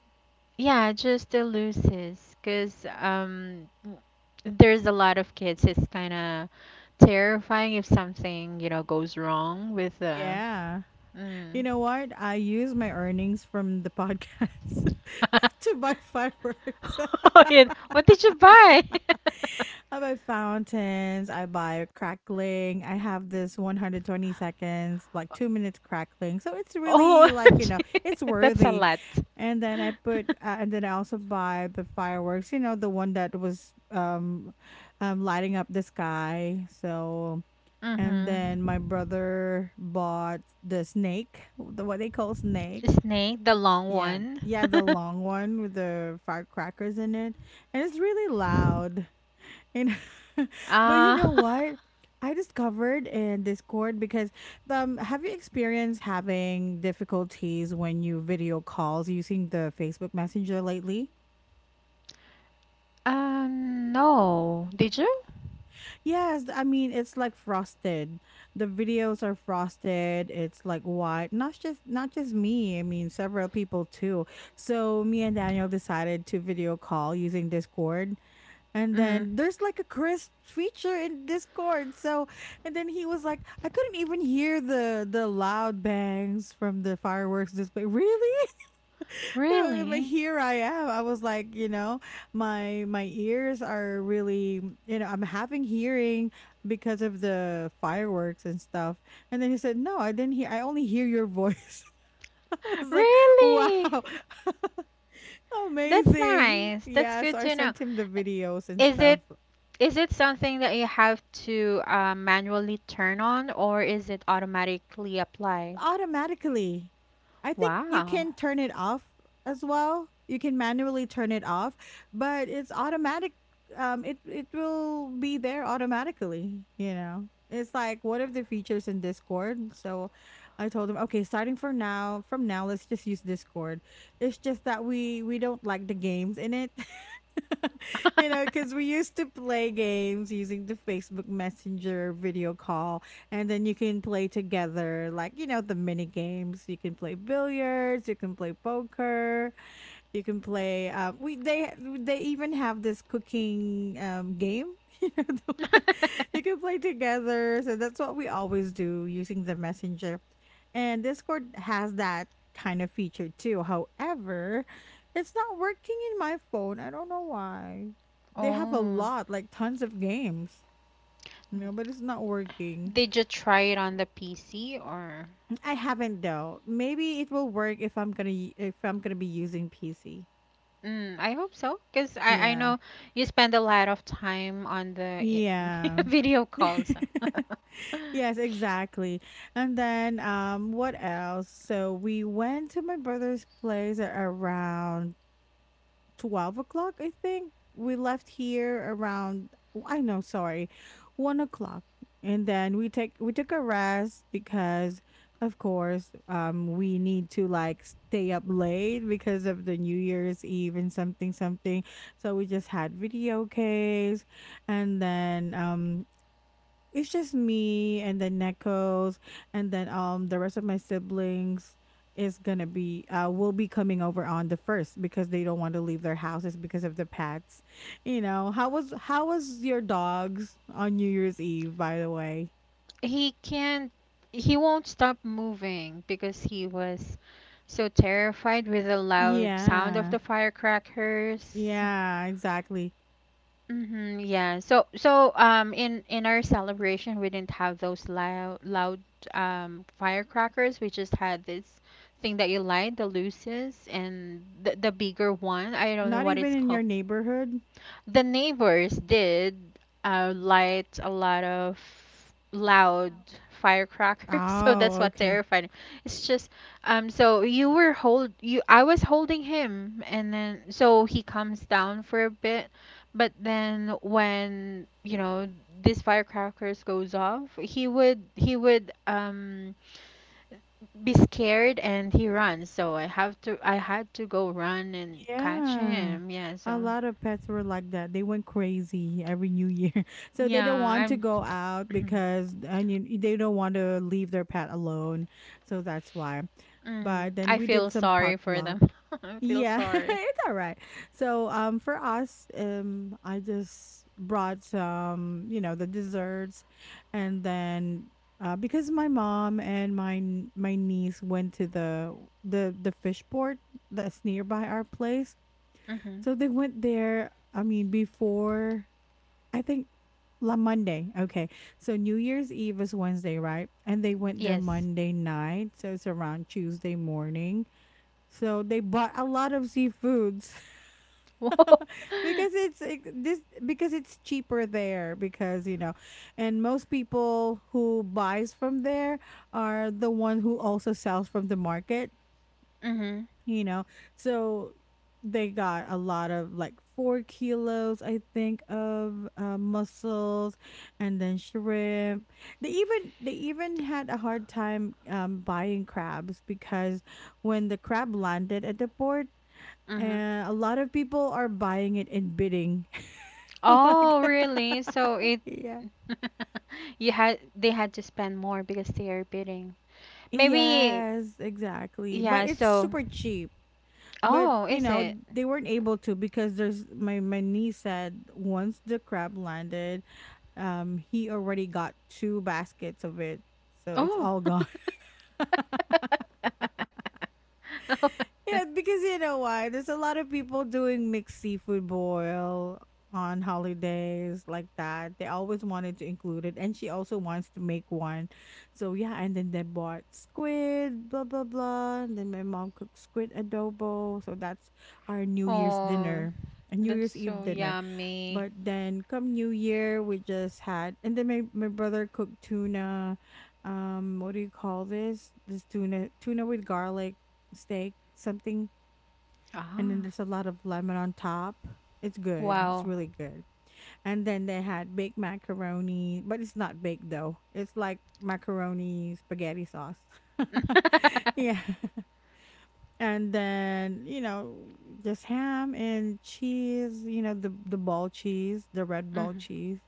[SPEAKER 2] Yeah, just the looses, 'cause there's a lot of kids. It's kind of terrifying if something, you know, goes wrong with the
[SPEAKER 1] Yeah. You
[SPEAKER 2] mm.
[SPEAKER 1] know what? I use my earnings from the podcast to buy fireworks.
[SPEAKER 2] Oh, yeah. What did you buy?
[SPEAKER 1] I buy fountains, I buy crackling. I have this 120 seconds, like 2 minutes crackling. So it's
[SPEAKER 2] Oh,
[SPEAKER 1] really like, you know, it's
[SPEAKER 2] that's a
[SPEAKER 1] worthy.
[SPEAKER 2] lot.
[SPEAKER 1] And then I put and then I also buy the fireworks, you know, the one that was lighting up the sky. So, and
[SPEAKER 2] Mhm.
[SPEAKER 1] then my brother bought the snake, the what they call snake.
[SPEAKER 2] Snake, the long
[SPEAKER 1] Yeah.
[SPEAKER 2] one.
[SPEAKER 1] Yeah, the long one with the firecrackers in it. And it's really loud. And but you
[SPEAKER 2] Uh,
[SPEAKER 1] know what? I discovered in Discord because have you experienced having difficulties when you video calls using the Facebook Messenger lately?
[SPEAKER 2] no. Did you?
[SPEAKER 1] Yes, I mean it's like frosted. The videos are frosted. It's like white. Not just me. I mean several people too. So me and Daniel decided to video call using Discord. And
[SPEAKER 2] Mm.
[SPEAKER 1] then there's like a crisp feature in Discord. So, and then he was like, I couldn't even hear the loud bangs from the fireworks display. Really? But
[SPEAKER 2] Really?
[SPEAKER 1] here I am. I was like, you know, my ears are really, mm, you know, I'm having hearing because of the fireworks and stuff. And then he said, "No, I didn't hear. I only hear your voice." I was like, "Wow,
[SPEAKER 2] Really? That's
[SPEAKER 1] amazing!"
[SPEAKER 2] nice. That's
[SPEAKER 1] Yeah. So
[SPEAKER 2] good
[SPEAKER 1] I
[SPEAKER 2] to know.
[SPEAKER 1] sent him the videos and
[SPEAKER 2] Is
[SPEAKER 1] stuff.
[SPEAKER 2] it something that you have to manually turn on or is it automatically applied?
[SPEAKER 1] Automatically. I think you
[SPEAKER 2] Wow.
[SPEAKER 1] can turn it off as well. You can manually turn it off, but it's automatic. It will be there automatically. You know, it's like one of the features in Discord. So, I told him, okay, starting from now, let's just use Discord. It's just that we don't like the games in it. You know, because we used to play games using the Facebook Messenger video call, and then you can play together, like, you know, the mini games. You can play billiards, you can play poker, you can play we they even have this cooking game. You know, the one you can play together. So that's what we always do using the messenger. And Discord has that kind of feature too. However, it's not working in my phone. I don't know why. They have a
[SPEAKER 2] Oh,
[SPEAKER 1] lot, like tons of games. You know, but it's not working.
[SPEAKER 2] did you try it on the PC or?
[SPEAKER 1] I haven't though. Maybe it will work if if I'm gonna be using PC.
[SPEAKER 2] Mm, I hope so, because I
[SPEAKER 1] Yeah.
[SPEAKER 2] know you spend a lot of time on the i-
[SPEAKER 1] Yeah.
[SPEAKER 2] video calls.
[SPEAKER 1] Yes, exactly. And then what else? So we went to my brother's place at around 12 o'clock, I think. We left here around, I know, sorry, 1 o'clock. And then we took a rest because of course we need to like stay up late because of the New Year's Eve and something something. So we just had video games and then it's just me and then Neko's, and then the rest of my siblings is gonna be will be coming over on the first because they don't want to leave their houses because of the pets. You know, how was your dogs on New Year's Eve, by the way?
[SPEAKER 2] He can't, he won't stop moving because he was so terrified with the loud sound of
[SPEAKER 1] Yeah.
[SPEAKER 2] the firecrackers.
[SPEAKER 1] Yeah, exactly.
[SPEAKER 2] Mm-hmm, yeah. So in our celebration we didn't have those loud firecrackers. We just had this thing that you light, the luces and the bigger one. I don't know
[SPEAKER 1] Not
[SPEAKER 2] what
[SPEAKER 1] even
[SPEAKER 2] it's
[SPEAKER 1] in
[SPEAKER 2] called.
[SPEAKER 1] your neighborhood.
[SPEAKER 2] The neighbors did light a lot of loud firecrackers, so that's
[SPEAKER 1] Oh,
[SPEAKER 2] what
[SPEAKER 1] okay.
[SPEAKER 2] terrified him. It's just so you were hold you I was holding him and then so he comes down for a bit, but then when you know these firecrackers goes off, he would be scared and he runs. So I had to go run and catch
[SPEAKER 1] Yeah.
[SPEAKER 2] him. Yeah,
[SPEAKER 1] A
[SPEAKER 2] so
[SPEAKER 1] lot of pets were like that. They went crazy every new year. So they
[SPEAKER 2] yeah,
[SPEAKER 1] don't want to
[SPEAKER 2] I'm
[SPEAKER 1] go out because and you, they don't want to leave their pet alone. So that's why.
[SPEAKER 2] Mm,
[SPEAKER 1] But then
[SPEAKER 2] I
[SPEAKER 1] we
[SPEAKER 2] feel
[SPEAKER 1] did some
[SPEAKER 2] sorry for
[SPEAKER 1] potluck.
[SPEAKER 2] them. I feel
[SPEAKER 1] Yeah,
[SPEAKER 2] sorry.
[SPEAKER 1] it's all right. So for us, I just brought some, you know, the desserts and then because my mom and my niece went to the fish port that's nearby our place,
[SPEAKER 2] Mm-hmm.
[SPEAKER 1] so they went there, I mean, before, I think La Monday. Okay. So New Year's Eve is Wednesday, right? And they went there
[SPEAKER 2] Yes.
[SPEAKER 1] Monday night. So it's around Tuesday morning. So they bought a lot of seafoods
[SPEAKER 2] Whoa.
[SPEAKER 1] because it's like, this because it's cheaper there because and most people who buys from there are the one who also sells from the market,
[SPEAKER 2] Mm-hmm.
[SPEAKER 1] you know so they got a lot of like 4 kilos, I think, of mussels and then shrimp. They even had a hard time buying crabs because when the crab landed at the port,
[SPEAKER 2] Mm-hmm.
[SPEAKER 1] a lot of people are buying it and bidding, like,
[SPEAKER 2] Oh, really? So it
[SPEAKER 1] yeah.
[SPEAKER 2] you had they had to spend more because they are bidding. Maybe
[SPEAKER 1] Yes, exactly,
[SPEAKER 2] yeah,
[SPEAKER 1] but it's
[SPEAKER 2] so
[SPEAKER 1] super cheap. But
[SPEAKER 2] oh, is it?
[SPEAKER 1] they weren't able to because there's my niece said once the crab landed, um, he already got two baskets of it, so it's
[SPEAKER 2] Oh.
[SPEAKER 1] all gone. Yeah, because you know why? There's a lot of people doing mixed seafood boil on holidays like that. They always wanted to include it. And she also wants to make one. So yeah, and then they bought squid, blah blah blah. And then my mom cooked squid adobo. So that's our New Year's
[SPEAKER 2] Oh,
[SPEAKER 1] dinner. A New
[SPEAKER 2] that's
[SPEAKER 1] Year's Eve
[SPEAKER 2] so
[SPEAKER 1] dinner.
[SPEAKER 2] yummy.
[SPEAKER 1] But then come New Year, we just had, and then my brother cooked tuna. What do you call this? This tuna with garlic steak something, and then
[SPEAKER 2] Ah,
[SPEAKER 1] there's a lot of lemon on top. It's good. It's
[SPEAKER 2] wow.
[SPEAKER 1] really good. And then they had baked macaroni, but it's not baked though. It's like macaroni spaghetti sauce. Yeah. And then, you know, just ham and cheese, you know, the ball cheese, the red ball
[SPEAKER 2] Mm-hmm.
[SPEAKER 1] cheese.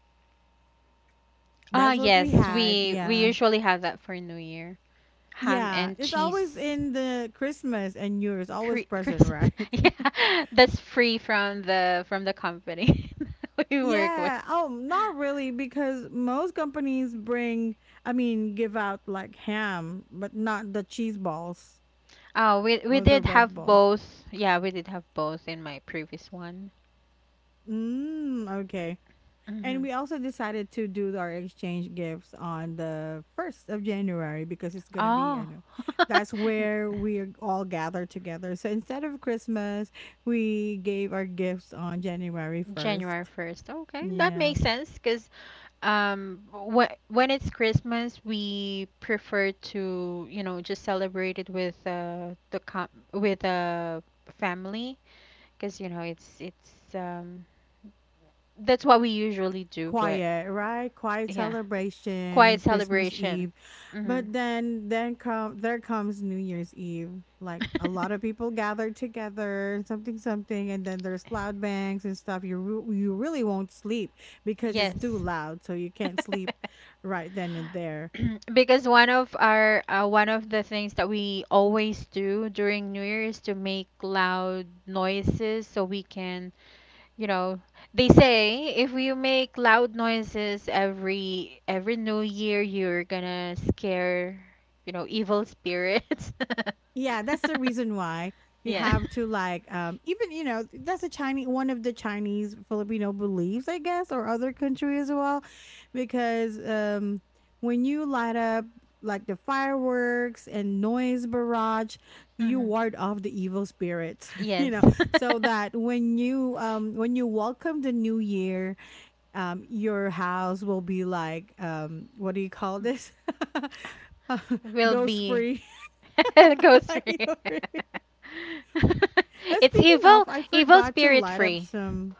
[SPEAKER 2] Ah,
[SPEAKER 1] That's what we
[SPEAKER 2] yes,
[SPEAKER 1] had.
[SPEAKER 2] we
[SPEAKER 1] Yeah.
[SPEAKER 2] usually have that for New Year. Ham
[SPEAKER 1] Yeah.
[SPEAKER 2] and
[SPEAKER 1] It's always
[SPEAKER 2] cheese
[SPEAKER 1] in the Christmas and New Year's,
[SPEAKER 2] cre
[SPEAKER 1] always present,
[SPEAKER 2] Christmas.
[SPEAKER 1] right?
[SPEAKER 2] Yeah, that's free from the company we work with.
[SPEAKER 1] Yeah. Oh, not really, because most companies bring, I mean, give out like ham, but not the cheese balls
[SPEAKER 2] Oh, we
[SPEAKER 1] or the
[SPEAKER 2] did
[SPEAKER 1] red
[SPEAKER 2] have
[SPEAKER 1] balls.
[SPEAKER 2] both. Yeah, we did have both in my previous one.
[SPEAKER 1] Mm, okay.
[SPEAKER 2] Mm-hmm.
[SPEAKER 1] And we also decided to do our exchange gifts on the 1st of January because it's going to be, I
[SPEAKER 2] Oh,
[SPEAKER 1] know, that's
[SPEAKER 2] N-
[SPEAKER 1] where we are all gathered together. So instead of Christmas, we gave our gifts on January
[SPEAKER 2] January
[SPEAKER 1] 1st.
[SPEAKER 2] 1st. Okay, that
[SPEAKER 1] Yeah.
[SPEAKER 2] makes sense because when it's Christmas, we prefer to just celebrate it with the com with family, because it's that's what we usually do. But
[SPEAKER 1] Quiet, right? Quiet
[SPEAKER 2] yeah, quiet
[SPEAKER 1] celebration, Christmas
[SPEAKER 2] celebration.
[SPEAKER 1] Eve.
[SPEAKER 2] Hmm.
[SPEAKER 1] But then then comes New Year's Eve. Like a lot of people gather together, something something, and then there's loud bangs and stuff. You really won't sleep because it's too
[SPEAKER 2] Yes.
[SPEAKER 1] loud, so you can't sleep right then and there.
[SPEAKER 2] Because one of our one of the things that we always do during New Year is to make loud noises so we can, you know, they say if you make loud noises every new year you're gonna scare evil spirits.
[SPEAKER 1] Yeah, that's the reason why you
[SPEAKER 2] Yeah.
[SPEAKER 1] have to like, um, even, you know, that's a Chinese, one of the Chinese Filipino beliefs, I guess, or other country as well, because, um, when you light up like the fireworks and noise barrage, you
[SPEAKER 2] Hmm.
[SPEAKER 1] ward off the evil spirits. You
[SPEAKER 2] Yes.
[SPEAKER 1] know, so that when you, um, welcome the new year, um, your house will be like, um, what do you call this, uh,
[SPEAKER 2] Will
[SPEAKER 1] ghost
[SPEAKER 2] be
[SPEAKER 1] free.
[SPEAKER 2] ghost free.
[SPEAKER 1] And
[SPEAKER 2] It's
[SPEAKER 1] speaking of,
[SPEAKER 2] evil
[SPEAKER 1] I
[SPEAKER 2] evil
[SPEAKER 1] forgot to
[SPEAKER 2] spirit
[SPEAKER 1] light up
[SPEAKER 2] free.
[SPEAKER 1] some,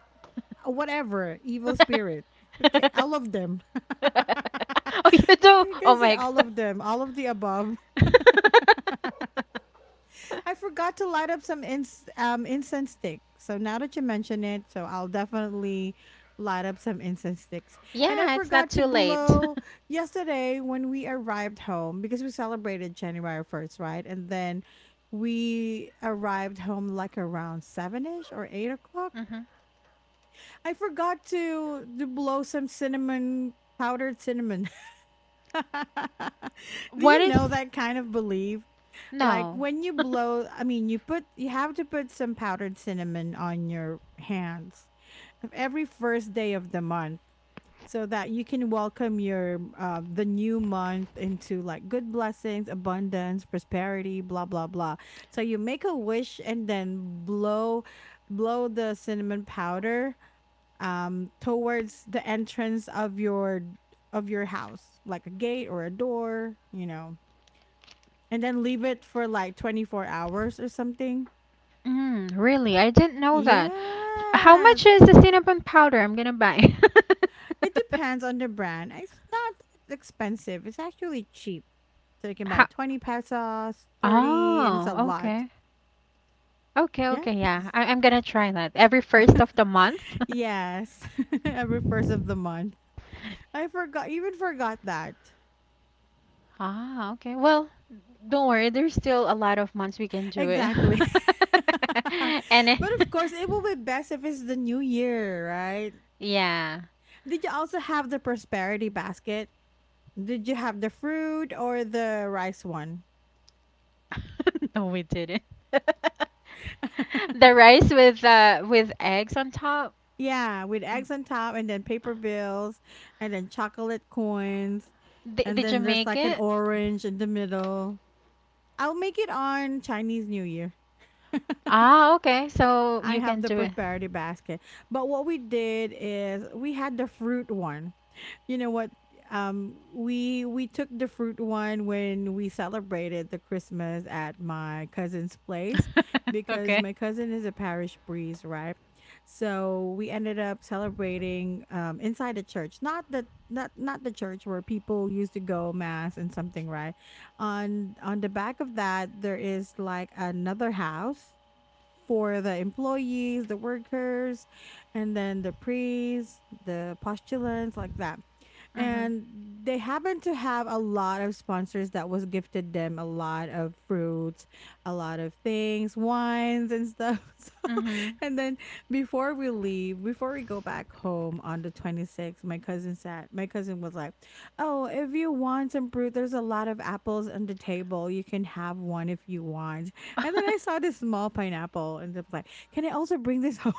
[SPEAKER 1] whatever evil spirit. Okay, all of them.
[SPEAKER 2] Oh, you do?
[SPEAKER 1] You
[SPEAKER 2] Oh
[SPEAKER 1] can say
[SPEAKER 2] my
[SPEAKER 1] all
[SPEAKER 2] God.
[SPEAKER 1] of them, all of the above. I forgot to light up some incense stick. So now that you mention it, so I'll definitely light up some incense sticks. And I
[SPEAKER 2] Yeah, it's not
[SPEAKER 1] forgot to
[SPEAKER 2] too late.
[SPEAKER 1] blow yesterday when we arrived home because we celebrated January 1st, right? And then we arrived home like around seven ish or 8 o'clock.
[SPEAKER 2] Mhm.
[SPEAKER 1] I forgot to blow some cinnamon, powdered cinnamon. Do
[SPEAKER 2] What
[SPEAKER 1] you know
[SPEAKER 2] is.
[SPEAKER 1] that kind of belief? Like
[SPEAKER 2] No.
[SPEAKER 1] when you blow, I mean, you put, you have to put some powdered cinnamon on your hands every first day of the month, so that you can welcome your, the new month into like good blessings, abundance, prosperity, blah, blah, blah. So you make a wish and then blow the cinnamon powder towards the entrance of your house, like a gate or a door, you know, and then leave it for like 24 hours or something.
[SPEAKER 2] Mm, really? I didn't know that. How much
[SPEAKER 1] Yes,
[SPEAKER 2] is the cinnamon powder I'm gonna buy?
[SPEAKER 1] it depends on the brand. It's not that expensive. It's actually cheap. So you can buy
[SPEAKER 2] How?
[SPEAKER 1] 20 pesos, 30, and it's a
[SPEAKER 2] Oh,
[SPEAKER 1] lot.
[SPEAKER 2] okay. Okay,
[SPEAKER 1] Yeah,
[SPEAKER 2] okay, yeah. I'm gonna try that every first of the month.
[SPEAKER 1] yes. Every first of the month. I forgot, even forgot that.
[SPEAKER 2] Ah, okay. Well, don't worry. There's still a lot of months we can do it.
[SPEAKER 1] Exactly.
[SPEAKER 2] And it-
[SPEAKER 1] But of course, it will be best if it's the new year, right?
[SPEAKER 2] yeah.
[SPEAKER 1] Did you also have the prosperity basket? Did you have the fruit or the rice one?
[SPEAKER 2] No, we didn't. The rice with eggs on top.
[SPEAKER 1] Yeah, with eggs on top, and then paper bills, and then chocolate coins.
[SPEAKER 2] D
[SPEAKER 1] And
[SPEAKER 2] did you
[SPEAKER 1] then there's
[SPEAKER 2] make
[SPEAKER 1] like an
[SPEAKER 2] it?
[SPEAKER 1] orange in the middle. I'll make it on Chinese New Year.
[SPEAKER 2] Ah, okay. So
[SPEAKER 1] I
[SPEAKER 2] you
[SPEAKER 1] have
[SPEAKER 2] can
[SPEAKER 1] the
[SPEAKER 2] do it.
[SPEAKER 1] prosperity basket. But what we did is we had the fruit one. You know what, um, we took the fruit one when we celebrated the Christmas at my cousin's place, because
[SPEAKER 2] Okay.
[SPEAKER 1] my cousin is a parish priest, right? So we ended up celebrating inside the church, not the, not the church where people used to go mass and something, right? On the back of that, there is like another house for the employees, the workers, and then the priests, the postulants, like that.
[SPEAKER 2] Mhm.
[SPEAKER 1] And they happen to have a lot of sponsors that was gifted them a lot of fruits, a lot of things, wines and stuff. So,
[SPEAKER 2] Mhm.
[SPEAKER 1] and then before we leave, before we go back home on the 26th, my cousin said, my cousin was like, "Oh, if you want some fruit, there's a lot of apples on the table, you can have one if you want." And then I saw this small pineapple and I was like, "Can I also bring this home?"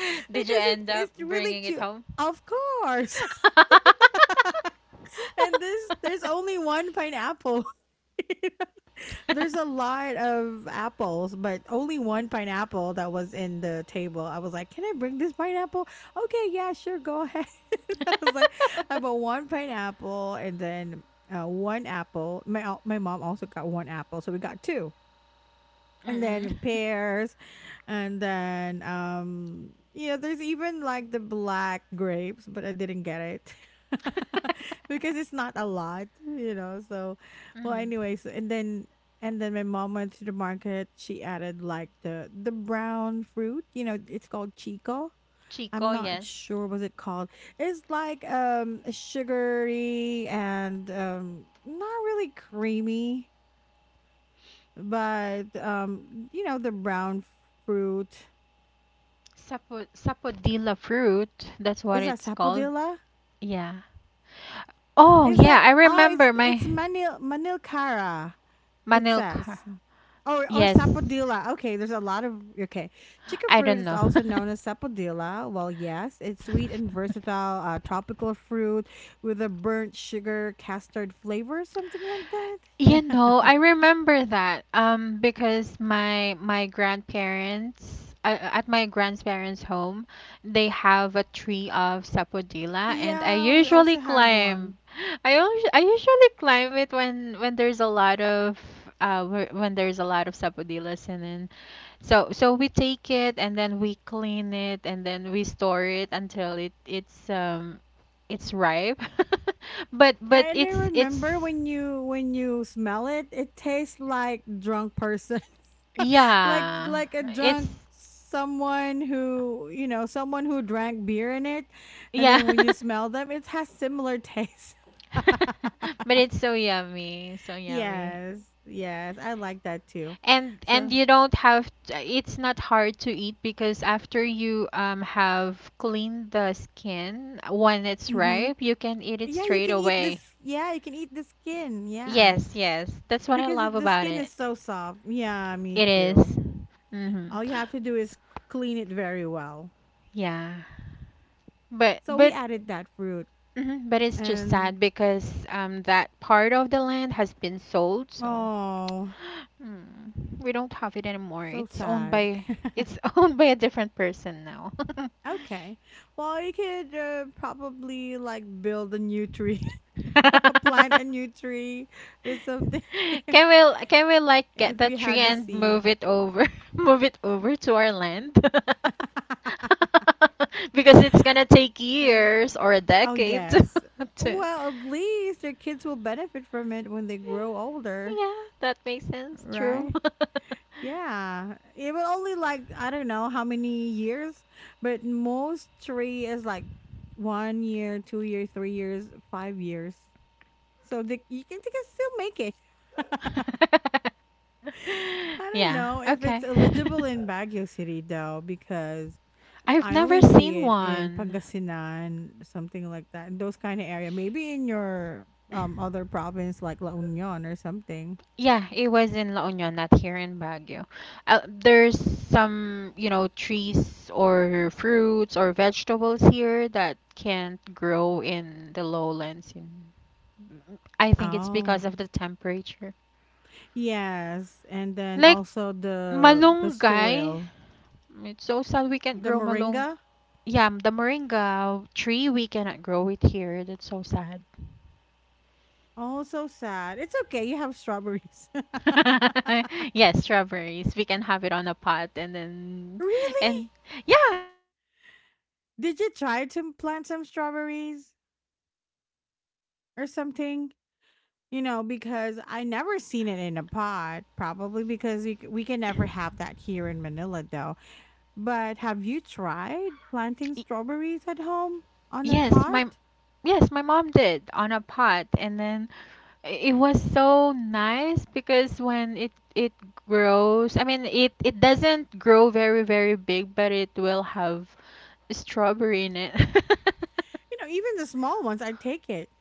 [SPEAKER 2] Did you
[SPEAKER 1] Because it,
[SPEAKER 2] end up
[SPEAKER 1] it's really
[SPEAKER 2] bringing it
[SPEAKER 1] cute.
[SPEAKER 2] home?
[SPEAKER 1] Of course. And this, there's only one pineapple. There's a lot of apples, but only one pineapple that was in the table. I was like, "Can I bring this pineapple?" Okay, yeah, sure, go ahead. I was like, "I bought one pineapple and then one apple. My mom also got one apple, so we got two and
[SPEAKER 2] Mm.
[SPEAKER 1] then pears, and then, um, you know, there's even like the black grapes, but I didn't get it. Because it's not a lot, you know. So, well,
[SPEAKER 2] Mhm.
[SPEAKER 1] anyways. And then my mom went to the market, she added like the brown fruit, you know, it's called chico.
[SPEAKER 2] Chico,
[SPEAKER 1] I'm not
[SPEAKER 2] yes.
[SPEAKER 1] sure was it called. It's like, um, sugary and um, not really creamy, but, you know, the brown fruit,
[SPEAKER 2] Sapo sapodilla fruit, that's what
[SPEAKER 1] is that
[SPEAKER 2] it's called.
[SPEAKER 1] sapodilla?
[SPEAKER 2] Yeah. Oh,
[SPEAKER 1] It's
[SPEAKER 2] yeah,
[SPEAKER 1] like,
[SPEAKER 2] I
[SPEAKER 1] oh,
[SPEAKER 2] remember my
[SPEAKER 1] it's manil, manilcara. It's that.
[SPEAKER 2] manilka.
[SPEAKER 1] Or
[SPEAKER 2] Yes.
[SPEAKER 1] sapodilla. Okay, there's a lot of, okay. Chicken
[SPEAKER 2] I
[SPEAKER 1] fruit
[SPEAKER 2] don't
[SPEAKER 1] is
[SPEAKER 2] know.
[SPEAKER 1] also known as sapodilla. Well, yes, it's sweet and versatile, tropical fruit with a burnt sugar custard flavor, something like that. Yeah.
[SPEAKER 2] You know, I remember that because my grandparents at my grandparents' home, they have a tree of sapodilla and I
[SPEAKER 1] Yeah, we
[SPEAKER 2] usually
[SPEAKER 1] also had one.
[SPEAKER 2] climb. I usually climb it when there's a lot of when there's a lot of sapodillas, and then so we take it and then we clean it and then we store it until it's it's ripe. But but
[SPEAKER 1] Yeah, and I
[SPEAKER 2] it's
[SPEAKER 1] remember
[SPEAKER 2] it's
[SPEAKER 1] when you, when you smell it, it tastes like drunk person. like
[SPEAKER 2] yeah,
[SPEAKER 1] like a
[SPEAKER 2] it's
[SPEAKER 1] drunk, someone who, you know, someone who drank beer in it. And
[SPEAKER 2] yeah.
[SPEAKER 1] then when you smell them, it has similar taste.
[SPEAKER 2] But it's so yummy, so yummy.
[SPEAKER 1] Yes, yes, I like that too.
[SPEAKER 2] And
[SPEAKER 1] So,
[SPEAKER 2] you don't have it's not hard to eat because after you have cleaned the skin, when it's
[SPEAKER 1] hmm,
[SPEAKER 2] ripe, you can eat it
[SPEAKER 1] yeah, you
[SPEAKER 2] straight
[SPEAKER 1] can eat
[SPEAKER 2] away.
[SPEAKER 1] this, yeah, you can eat the skin, yeah,
[SPEAKER 2] Yes, yes. That's what I
[SPEAKER 1] because
[SPEAKER 2] love
[SPEAKER 1] it, the
[SPEAKER 2] about
[SPEAKER 1] skin
[SPEAKER 2] it.
[SPEAKER 1] is so soft. Yeah, me
[SPEAKER 2] It is.
[SPEAKER 1] too.
[SPEAKER 2] Mm-hmm.
[SPEAKER 1] All you have to do is clean it very well.
[SPEAKER 2] Yeah. But
[SPEAKER 1] So we
[SPEAKER 2] but
[SPEAKER 1] added that fruit.
[SPEAKER 2] mhm, but it's just
[SPEAKER 1] And,
[SPEAKER 2] sad because that part of the land has been sold, so
[SPEAKER 1] oh,
[SPEAKER 2] mm, we don't have it anymore.
[SPEAKER 1] so
[SPEAKER 2] It's owned
[SPEAKER 1] sad.
[SPEAKER 2] by it's owned by a different person now.
[SPEAKER 1] Okay. Well, you could, probably like build a new tree, plant a new tree or something.
[SPEAKER 2] Can we can we like
[SPEAKER 1] If
[SPEAKER 2] get the
[SPEAKER 1] you
[SPEAKER 2] tree
[SPEAKER 1] had the
[SPEAKER 2] and move
[SPEAKER 1] seed.
[SPEAKER 2] it over, move it over to our land? Because it's gonna take years or a
[SPEAKER 1] Oh,
[SPEAKER 2] decade
[SPEAKER 1] yes.
[SPEAKER 2] to,
[SPEAKER 1] Well, at least your kids will benefit from it when they grow older,
[SPEAKER 2] yeah, that makes sense. True.
[SPEAKER 1] right? Yeah. It will only like, I don't know how many years, but most tree is like 1 year, 2 year, 3 years, 5 years. So they, you can, they can still make it. I don't
[SPEAKER 2] Yeah,
[SPEAKER 1] know if it's
[SPEAKER 2] okay.
[SPEAKER 1] eligible in Baguio City though, because
[SPEAKER 2] I've
[SPEAKER 1] I
[SPEAKER 2] never
[SPEAKER 1] only see
[SPEAKER 2] seen
[SPEAKER 1] it in
[SPEAKER 2] one.
[SPEAKER 1] Pangasinan, something like that, in those kind of area. Maybe in your, um, other province, like La Union or something.
[SPEAKER 2] Yeah, it was in La Union, not here in Baguio. There's some, you know, trees or fruits or vegetables here that can't grow in the lowlands. I think it's
[SPEAKER 1] Oh,
[SPEAKER 2] because of the temperature.
[SPEAKER 1] yes, and then
[SPEAKER 2] Like
[SPEAKER 1] also the
[SPEAKER 2] malunggay,
[SPEAKER 1] soil,
[SPEAKER 2] it's so sad we can't
[SPEAKER 1] the
[SPEAKER 2] grow malung
[SPEAKER 1] moringa.
[SPEAKER 2] yeah, the moringa tree, we cannot grow it here. That's so sad.
[SPEAKER 1] Oh, so sad. It's okay. You have strawberries.
[SPEAKER 2] Yes, strawberries. We can have it on a pot, and then
[SPEAKER 1] Really?
[SPEAKER 2] and yeah, we can have it on a pot. My
[SPEAKER 1] Did you try to
[SPEAKER 2] mom
[SPEAKER 1] plant some strawberries
[SPEAKER 2] my mom did, but I ate the
[SPEAKER 1] or
[SPEAKER 2] fruit.
[SPEAKER 1] something? You know, because I never seen it in a pod, probably because we, we can never have that here in Manila, though. But have you tried planting strawberries at home on a
[SPEAKER 2] Yes,
[SPEAKER 1] pot?
[SPEAKER 2] my yes, my mom did on a pot, and then it was so nice because when it grows, I mean it doesn't grow very very big, but it will have strawberry in it.
[SPEAKER 1] You know, even the small ones, I take it.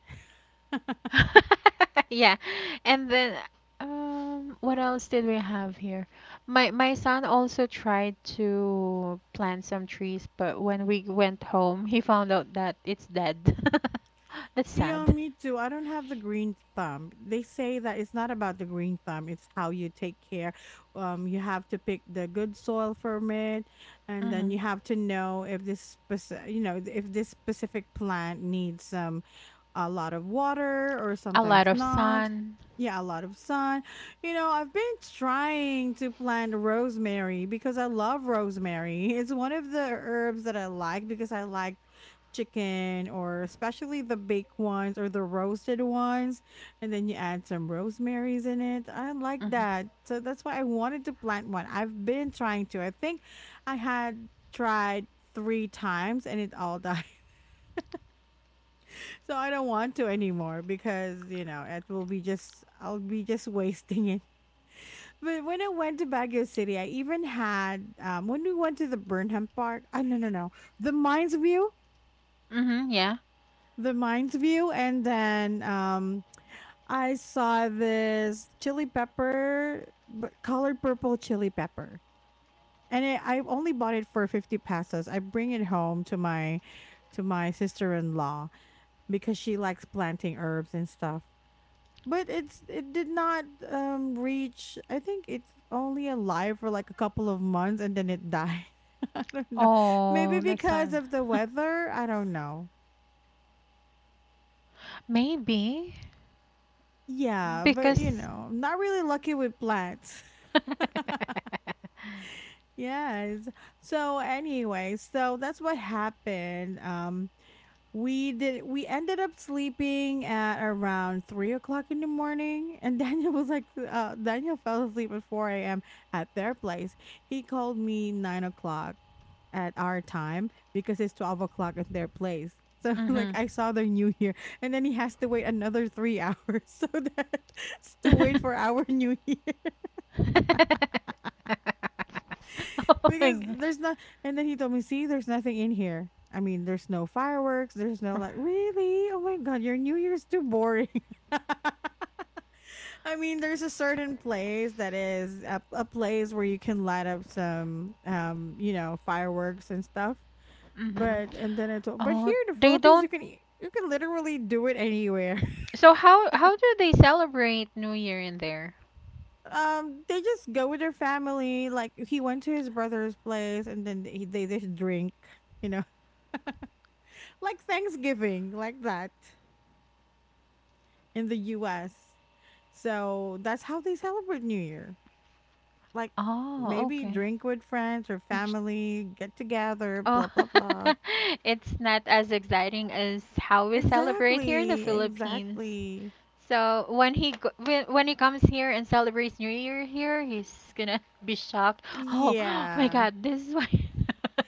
[SPEAKER 2] Yeah. And then what else did we have here? My son also tried to plant some trees, but when we went home, he found out that it's dead. That's
[SPEAKER 1] Yeah,
[SPEAKER 2] sad.
[SPEAKER 1] me too. I don't have the green thumb. They say that it's not about the green thumb, it's how you take care. You have to pick the good soil from it, and then
[SPEAKER 2] Hmm
[SPEAKER 1] you have to know if this, you know, if this specific plant needs some a lot of water or
[SPEAKER 2] A lot
[SPEAKER 1] sometimes
[SPEAKER 2] of
[SPEAKER 1] not.
[SPEAKER 2] sun.
[SPEAKER 1] Yeah, a lot of sun. You know, I've been trying to plant rosemary because I love rosemary. It's one of the herbs that I like because I like chicken, or especially the baked ones or the roasted ones. And then you add some rosemarys in it. I like
[SPEAKER 2] Hmm
[SPEAKER 1] that. So that's why I wanted to plant one. I've been trying to. I think I had tried three times and it all died. So I don't want to anymore because, you know, it will be just, I'll be just wasting it. But when I went to Baguio City, I even had, when we went to the Burnham Park, oh, no, no, no, the Mines View,
[SPEAKER 2] hmm yeah.
[SPEAKER 1] the Mines View. And then I saw this chili pepper, colored purple chili pepper. And I only bought it for 50 pesos. I bring it home to my sister-in-law because she likes planting herbs and stuff. But it did not reach. I think it's only alive for like a couple of months and then it died. I don't know. Maybe
[SPEAKER 2] Oh, that's
[SPEAKER 1] because
[SPEAKER 2] sad.
[SPEAKER 1] of the weather. I don't know.
[SPEAKER 2] Maybe
[SPEAKER 1] Yeah, but you
[SPEAKER 2] because.
[SPEAKER 1] know, I'm not really lucky with plants. Yes. So anyway, so that's what happened. We ended up sleeping at around 3 o'clock in the morning, and Daniel was like Daniel fell asleep at 4 a.m. at their place. He called me 9 o'clock at our time because it's 12 o'clock at their place, so like
[SPEAKER 2] hmm
[SPEAKER 1] I saw their New Year, and then he has to wait another 3 hours so that to wait for our New Year.
[SPEAKER 2] oh my
[SPEAKER 1] Because
[SPEAKER 2] gosh.
[SPEAKER 1] there's not and then He told me, "See, there's nothing in here. I mean, there's no fireworks, there's no like really, oh my god, your New Year's too boring." I mean, there's a certain place that is a place where you can light up some you know fireworks and stuff.
[SPEAKER 2] Hmm
[SPEAKER 1] But and then I told, but
[SPEAKER 2] Oh,
[SPEAKER 1] here in the
[SPEAKER 2] they
[SPEAKER 1] Philippines, you
[SPEAKER 2] don't.
[SPEAKER 1] can you can literally do it anywhere.
[SPEAKER 2] So how do they celebrate New Year in there?
[SPEAKER 1] Um, they just go with their family. Like, he went to his brother's place, and then they just drink, you know. Like Thanksgiving, like that, in the US. So that's how they celebrate New Year. Like,
[SPEAKER 2] Oh,
[SPEAKER 1] maybe
[SPEAKER 2] okay.
[SPEAKER 1] drink with friends or family, get together,
[SPEAKER 2] Oh,
[SPEAKER 1] blah blah blah.
[SPEAKER 2] it's not as exciting as how we celebrate here in the
[SPEAKER 1] Exactly,
[SPEAKER 2] Philippines.
[SPEAKER 1] exactly.
[SPEAKER 2] So when when he comes here and celebrates New Year here, he's gonna be shocked. Oh, my
[SPEAKER 1] Yeah.
[SPEAKER 2] God, this is why.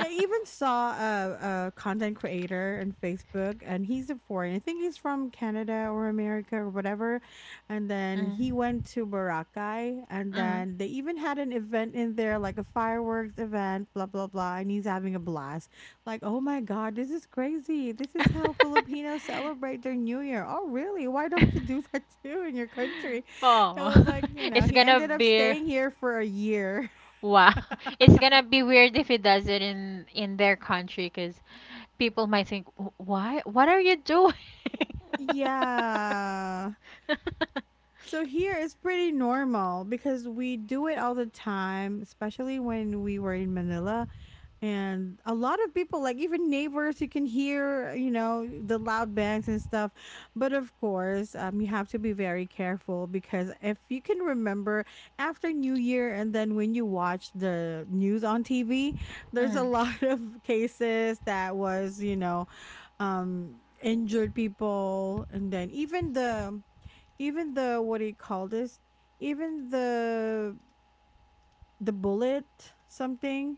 [SPEAKER 1] I even saw a content creator on Facebook, and he's a foreign. I think he's from Canada or America or whatever. And then
[SPEAKER 2] mm,
[SPEAKER 1] he went to Boracay, and
[SPEAKER 2] mm.
[SPEAKER 1] then they even had an event in there, like a fireworks event, blah blah blah. And he's having a blast. Like, oh my god, this is crazy! This is how Filipinos celebrate their New Year. Oh, really? Why don't you do that too in your country? It
[SPEAKER 2] oh,
[SPEAKER 1] was like, you know,
[SPEAKER 2] it's
[SPEAKER 1] he
[SPEAKER 2] gonna
[SPEAKER 1] ended up
[SPEAKER 2] be.
[SPEAKER 1] staying here for a year.
[SPEAKER 2] Wow. It's gonna be weird if he does it in their country because people might think, why? What are you doing?
[SPEAKER 1] Yeah. So here it's pretty normal because we do it all the time, especially when we were in Manila. And a lot of people, like even neighbors, you can hear, you know, the loud bangs and stuff. But of course, you have to be very careful because if you can remember after New Year and then when you watch the news on TV, there's a
[SPEAKER 2] mm.
[SPEAKER 1] lot of cases that was, you know, um, injured people. And then even the, what do you call this? Even the bullet, something,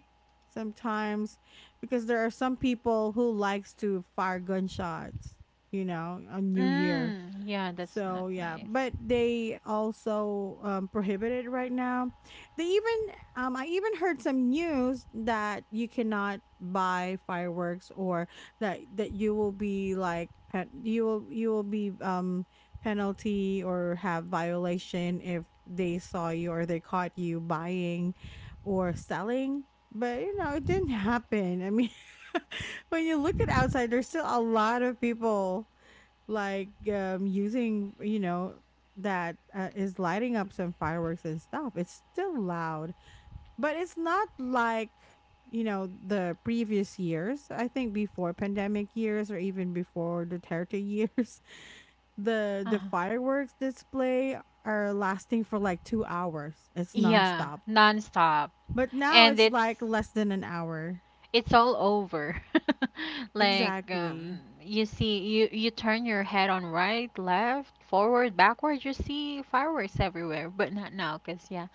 [SPEAKER 1] sometimes, because there are some people who likes to fire gunshots, you know, on New Year.
[SPEAKER 2] Mm. Yeah, that's not
[SPEAKER 1] So yeah,
[SPEAKER 2] nice.
[SPEAKER 1] but they also prohibit it right now. They even I even heard some news that you cannot buy fireworks, or that that you will be like you will be penalty or have violation if they saw you or they caught you buying or selling. But you know, it didn't happen. I mean, when you look at outside, there's still a lot of people like using, you know, that is lighting up some fireworks and stuff. It's still loud, but it's not like, you know, the previous years. I think before pandemic years or even before the Duterte years, the
[SPEAKER 2] Uh-huh.
[SPEAKER 1] fireworks display are lasting for like 2 hours. It's
[SPEAKER 2] Yeah,
[SPEAKER 1] nonstop,
[SPEAKER 2] nonstop.
[SPEAKER 1] but now
[SPEAKER 2] And
[SPEAKER 1] it's like less than an hour.
[SPEAKER 2] it's all over. Like
[SPEAKER 1] Exactly.
[SPEAKER 2] you see you turn your head on right, left, forward, backward, you see fireworks everywhere, but not now 'cause yeah,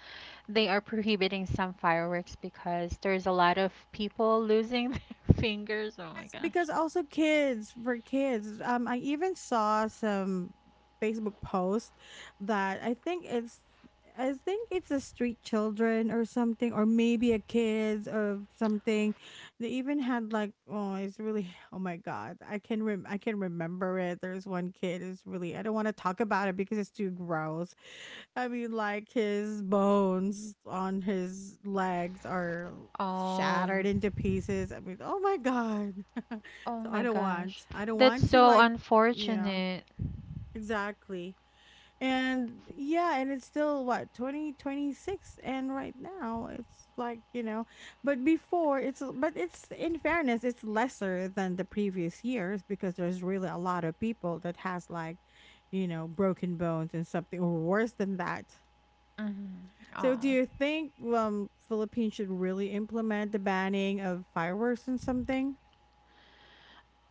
[SPEAKER 2] they are prohibiting some fireworks because there's a lot of people losing their fingers. Oh my
[SPEAKER 1] Yes,
[SPEAKER 2] gosh.
[SPEAKER 1] because also kids. I even saw some Facebook post that I think it's a street children or something, or maybe a kids or something. They even had like, oh, it's really, oh my god, I can rem I can remember it. There's one kid is really, I don't want to talk about it because it's too gross. I mean, like, his bones on his legs are shattered
[SPEAKER 2] Um.
[SPEAKER 1] into pieces. I mean, oh my god.
[SPEAKER 2] Oh
[SPEAKER 1] So I
[SPEAKER 2] my
[SPEAKER 1] don't
[SPEAKER 2] gosh.
[SPEAKER 1] want. I don't
[SPEAKER 2] That's
[SPEAKER 1] want to
[SPEAKER 2] so
[SPEAKER 1] like, yeah,
[SPEAKER 2] unfortunate.
[SPEAKER 1] exactly. And yeah, and it's still what, 2026, and right now it's like, you know, but before it's but it's in fairness, it's lesser than the previous years because there's really a lot of people that has like, you know, broken bones and something or worse than that.
[SPEAKER 2] Hmm
[SPEAKER 1] So,
[SPEAKER 2] Oh.
[SPEAKER 1] do you think Philippines should really implement the banning of fireworks and something?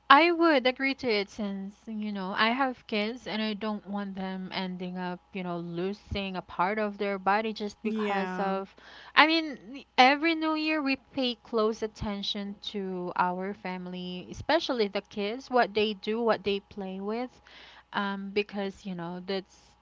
[SPEAKER 2] I would agree to it since, you know, I have kids and I don't want them ending up, you know, losing a part of their body just because
[SPEAKER 1] Yeah,
[SPEAKER 2] of. I mean, every new year we pay close attention to our family, especially the kids, what they do, what they play with. Because you know that's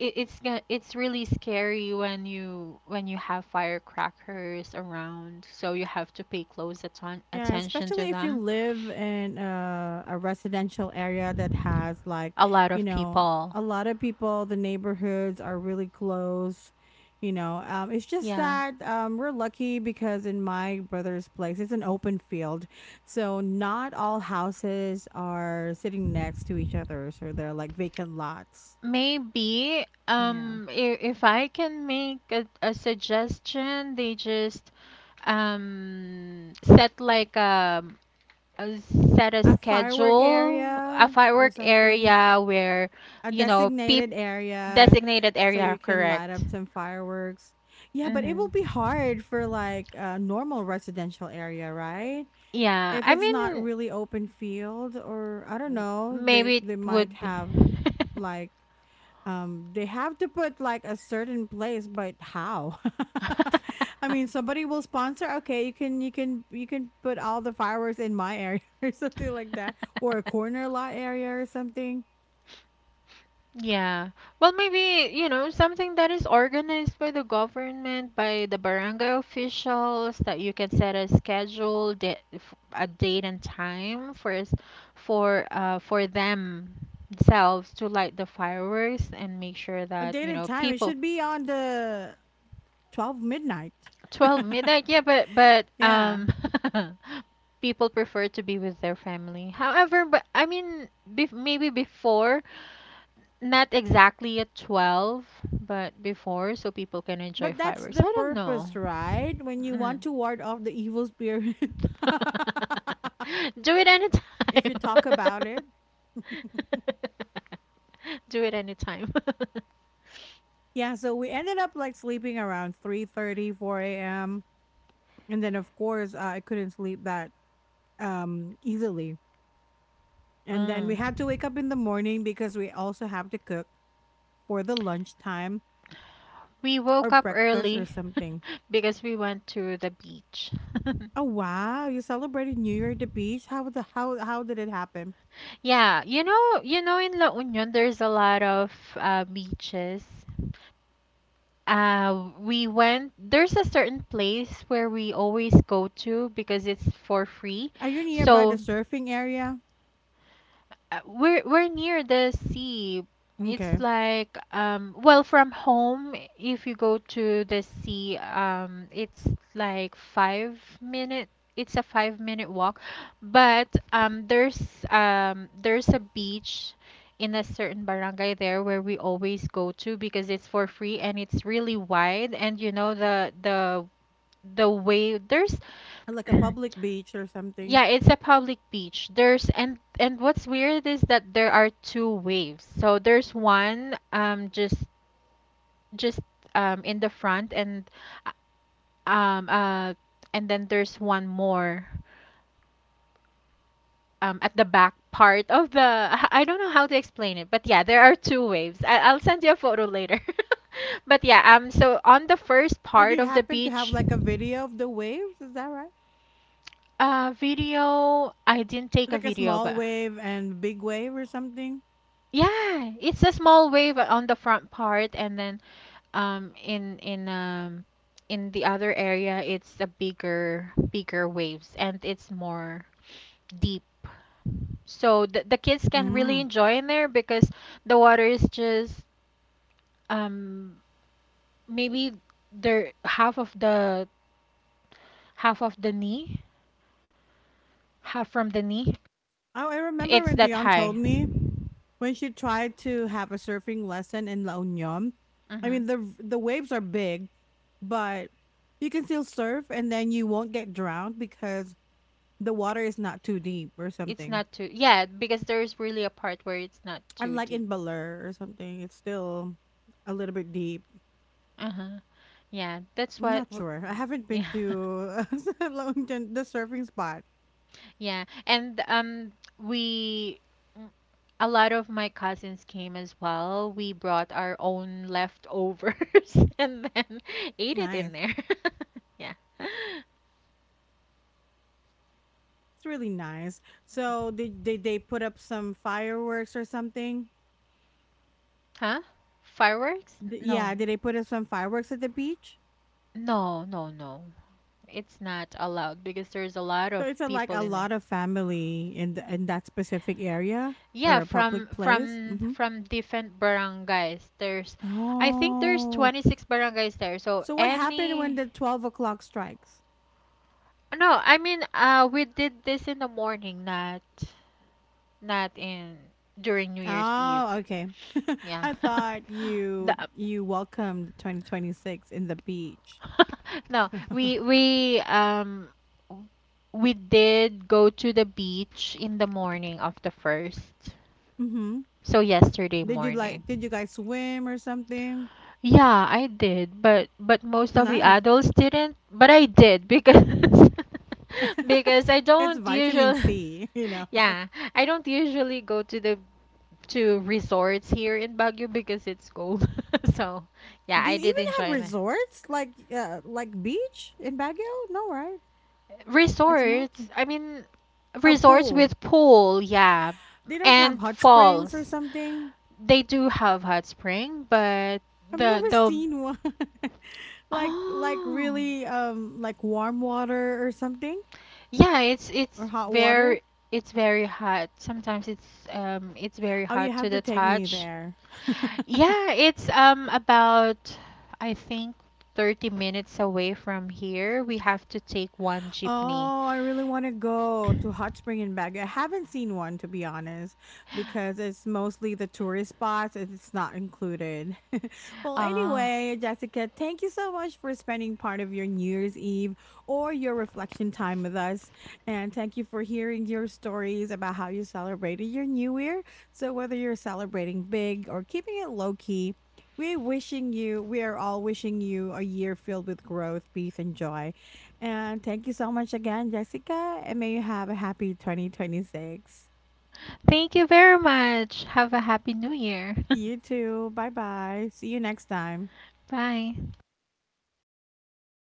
[SPEAKER 2] it's it's really scary when you have firecrackers around, so you have to pay close
[SPEAKER 1] yeah.
[SPEAKER 2] attention to
[SPEAKER 1] Especially if you
[SPEAKER 2] them.
[SPEAKER 1] live in a, residential area that has like,
[SPEAKER 2] A lot
[SPEAKER 1] you
[SPEAKER 2] of
[SPEAKER 1] know,
[SPEAKER 2] people,
[SPEAKER 1] a lot of people. The neighborhoods are really close. You know, it's just
[SPEAKER 2] yeah.
[SPEAKER 1] that we're lucky because in my brother's place, it's an open field, so not all houses are sitting next to each other, so they're like vacant lots.
[SPEAKER 2] Maybe
[SPEAKER 1] Yeah.
[SPEAKER 2] if I can make a suggestion, they just set like a uh, set a
[SPEAKER 1] A firework
[SPEAKER 2] schedule, a
[SPEAKER 1] area or
[SPEAKER 2] firework
[SPEAKER 1] something,
[SPEAKER 2] area where,
[SPEAKER 1] a
[SPEAKER 2] you know, peop
[SPEAKER 1] designated area
[SPEAKER 2] designated
[SPEAKER 1] so
[SPEAKER 2] area,
[SPEAKER 1] you can light
[SPEAKER 2] correct?
[SPEAKER 1] up some fireworks. Yeah, but it will be
[SPEAKER 2] Mm-hmm.
[SPEAKER 1] hard for like a normal residential area, right?
[SPEAKER 2] Yeah,
[SPEAKER 1] If
[SPEAKER 2] I
[SPEAKER 1] it's not
[SPEAKER 2] mean,
[SPEAKER 1] really open field or I don't know, they
[SPEAKER 2] maybe it
[SPEAKER 1] they might
[SPEAKER 2] would be.
[SPEAKER 1] have like they have to put like a certain place, but how? I mean, somebody will sponsor, okay, you can, you can put all the fireworks in my area or something like that, or a corner lot area or something.
[SPEAKER 2] Yeah. Well, maybe, you know, something that is organized by the government, by the barangay officials, that you can set a schedule, a date and time for us, for themselves to light the fireworks and make sure
[SPEAKER 1] A
[SPEAKER 2] that,
[SPEAKER 1] date
[SPEAKER 2] you
[SPEAKER 1] and
[SPEAKER 2] know,
[SPEAKER 1] time, it
[SPEAKER 2] people
[SPEAKER 1] should be on the 12 midnight.
[SPEAKER 2] 12 midnight, yeah, but
[SPEAKER 1] Yeah,
[SPEAKER 2] people prefer to be with their family however but I mean maybe before, not exactly at 12, but before, so people can enjoy
[SPEAKER 1] but that's
[SPEAKER 2] fireworks, I
[SPEAKER 1] the
[SPEAKER 2] don't know.
[SPEAKER 1] purpose, right? When you want
[SPEAKER 2] Mm.
[SPEAKER 1] to ward off the evil spirit,
[SPEAKER 2] Do it
[SPEAKER 1] if
[SPEAKER 2] anytime.
[SPEAKER 1] you talk about it.
[SPEAKER 2] Do it anytime.
[SPEAKER 1] Yeah, so we ended up like sleeping around 3:30, 4 a.m. And then, of course, I couldn't sleep that easily. And then
[SPEAKER 2] mm.
[SPEAKER 1] we had to wake up in the morning because we also have to cook for the lunchtime
[SPEAKER 2] We
[SPEAKER 1] or
[SPEAKER 2] woke up
[SPEAKER 1] breakfast or
[SPEAKER 2] early
[SPEAKER 1] something.
[SPEAKER 2] because we went to the beach.
[SPEAKER 1] Oh wow! You celebrated New Year at the beach. How the how did it happen?
[SPEAKER 2] Yeah, you know, in La Union there's a lot of beaches. We went. There's a certain place where we always go to because it's for free.
[SPEAKER 1] Are you nearby the
[SPEAKER 2] So
[SPEAKER 1] surfing area?
[SPEAKER 2] we're near the sea. It's
[SPEAKER 1] Okay,
[SPEAKER 2] like well from home if you go to the sea it's like five-minute it's a 5 minute walk, but there's a beach in a certain barangay there where we always go to because it's for free and it's really wide, and you know the the way there's
[SPEAKER 1] or like a public beach or something.
[SPEAKER 2] yeah, it's a public beach. There's and what's weird is that there are two waves. So there's one just in the front uh, um uh and then there's one more at the back part of the I don't know how to explain it, but yeah, there are two waves. I'll send you a photo later. But yeah, so on the first
[SPEAKER 1] Or do
[SPEAKER 2] part
[SPEAKER 1] you
[SPEAKER 2] of the
[SPEAKER 1] happen to have
[SPEAKER 2] beach,
[SPEAKER 1] like a video of the waves? Is that right?
[SPEAKER 2] video, I didn't take a
[SPEAKER 1] Like a
[SPEAKER 2] video,
[SPEAKER 1] small
[SPEAKER 2] but
[SPEAKER 1] wave and big wave or something?
[SPEAKER 2] yeah, it's a small wave on the front part, and then um in in um in the other area it's a bigger waves and it's more deep. So the kids can really
[SPEAKER 1] Mm.
[SPEAKER 2] enjoy in there because the water is just um maybe they're half of the knee, half from the knee.
[SPEAKER 1] Oh, I remember
[SPEAKER 2] It's
[SPEAKER 1] when
[SPEAKER 2] that
[SPEAKER 1] Dion told
[SPEAKER 2] high.
[SPEAKER 1] me when she tried to have a surfing lesson in La Union. I
[SPEAKER 2] Mhm.
[SPEAKER 1] mean, the waves are big, but you can still surf and then you won't get drowned because the water is not too deep or
[SPEAKER 2] It's
[SPEAKER 1] something.
[SPEAKER 2] not too yeah, because there's really a part where it's not too
[SPEAKER 1] Unlike
[SPEAKER 2] deep.
[SPEAKER 1] in Baler or something, it's still a little bit deep.
[SPEAKER 2] Uh-huh. Yeah, that's
[SPEAKER 1] I'm
[SPEAKER 2] what
[SPEAKER 1] not sure. I haven't been
[SPEAKER 2] yeah.
[SPEAKER 1] to La Union, the surfing spot.
[SPEAKER 2] Yeah, and we mm, a lot of my cousins came as well. We brought our own leftovers and then ate it in
[SPEAKER 1] Nice.
[SPEAKER 2] there. Yeah.
[SPEAKER 1] It's really nice. So did they put up some fireworks or something?
[SPEAKER 2] Huh? Fireworks? No.
[SPEAKER 1] Yeah, did they put up some fireworks at the beach?
[SPEAKER 2] No, no, no. It's not allowed because there's a lot
[SPEAKER 1] So
[SPEAKER 2] of
[SPEAKER 1] it's a, like
[SPEAKER 2] people
[SPEAKER 1] a
[SPEAKER 2] in there.
[SPEAKER 1] lot of family in that specific area or
[SPEAKER 2] Yeah,
[SPEAKER 1] a
[SPEAKER 2] from
[SPEAKER 1] public place.
[SPEAKER 2] from
[SPEAKER 1] Hmm.
[SPEAKER 2] from different barangays. There's I think there's
[SPEAKER 1] Oh,
[SPEAKER 2] 26 barangays there. So
[SPEAKER 1] so what happened when
[SPEAKER 2] any
[SPEAKER 1] the 12 o'clock strikes?
[SPEAKER 2] no, I mean we did this in the morning, not not in during New Year's Eve.
[SPEAKER 1] Oh, okay.
[SPEAKER 2] Yeah.
[SPEAKER 1] I thought you
[SPEAKER 2] The-
[SPEAKER 1] welcomed 2026 in the beach.
[SPEAKER 2] no, we did go to the beach in the morning of the first.
[SPEAKER 1] Hmm.
[SPEAKER 2] So yesterday
[SPEAKER 1] Did you like?
[SPEAKER 2] morning.
[SPEAKER 1] Did you guys swim or something?
[SPEAKER 2] Yeah, I did, but most of the
[SPEAKER 1] Nice.
[SPEAKER 2] adults didn't. But I did because because I
[SPEAKER 1] It's
[SPEAKER 2] don't
[SPEAKER 1] vitamin
[SPEAKER 2] usually
[SPEAKER 1] C. You know.
[SPEAKER 2] yeah, I don't usually go to the to resorts here in Baguio because it's cold. So, yeah,
[SPEAKER 1] Do you
[SPEAKER 2] I did
[SPEAKER 1] even have
[SPEAKER 2] enjoy that.
[SPEAKER 1] resorts like beach in Baguio? No, right? It's
[SPEAKER 2] Resorts,
[SPEAKER 1] mountain.
[SPEAKER 2] I mean
[SPEAKER 1] A
[SPEAKER 2] resorts
[SPEAKER 1] pool.
[SPEAKER 2] with pool, yeah,
[SPEAKER 1] They don't have
[SPEAKER 2] and
[SPEAKER 1] hot springs or
[SPEAKER 2] falls.
[SPEAKER 1] something.
[SPEAKER 2] They do have hot spring, but
[SPEAKER 1] I've
[SPEAKER 2] the
[SPEAKER 1] never
[SPEAKER 2] the
[SPEAKER 1] seen one. Like
[SPEAKER 2] oh
[SPEAKER 1] really like warm water or something,
[SPEAKER 2] yeah,
[SPEAKER 1] or hot water.
[SPEAKER 2] it's very hot. Sometimes it's very
[SPEAKER 1] Oh, you
[SPEAKER 2] hot to
[SPEAKER 1] have to
[SPEAKER 2] the
[SPEAKER 1] take me
[SPEAKER 2] touch.
[SPEAKER 1] there.
[SPEAKER 2] Yeah, it's about I think 30 minutes away from here. We have to take one jeepney.
[SPEAKER 1] Oh, I really want to go to hot spring in Baguio. I haven't seen one, to be honest, because it's mostly the tourist spots and it's not included. Well,
[SPEAKER 2] Ah,
[SPEAKER 1] anyway, Jessica, thank you so much for spending part of your New Year's Eve or your reflection time with us. And thank you for hearing your stories about how you celebrated your New Year. So, whether you're celebrating big or keeping it low key, we are all wishing you a year filled with growth, peace, and joy. And thank you so much again, Jessica. And may you have a happy 2026.
[SPEAKER 2] thank you very much. Have a happy new year.
[SPEAKER 1] You too. Bye bye. See you next time.
[SPEAKER 2] Bye.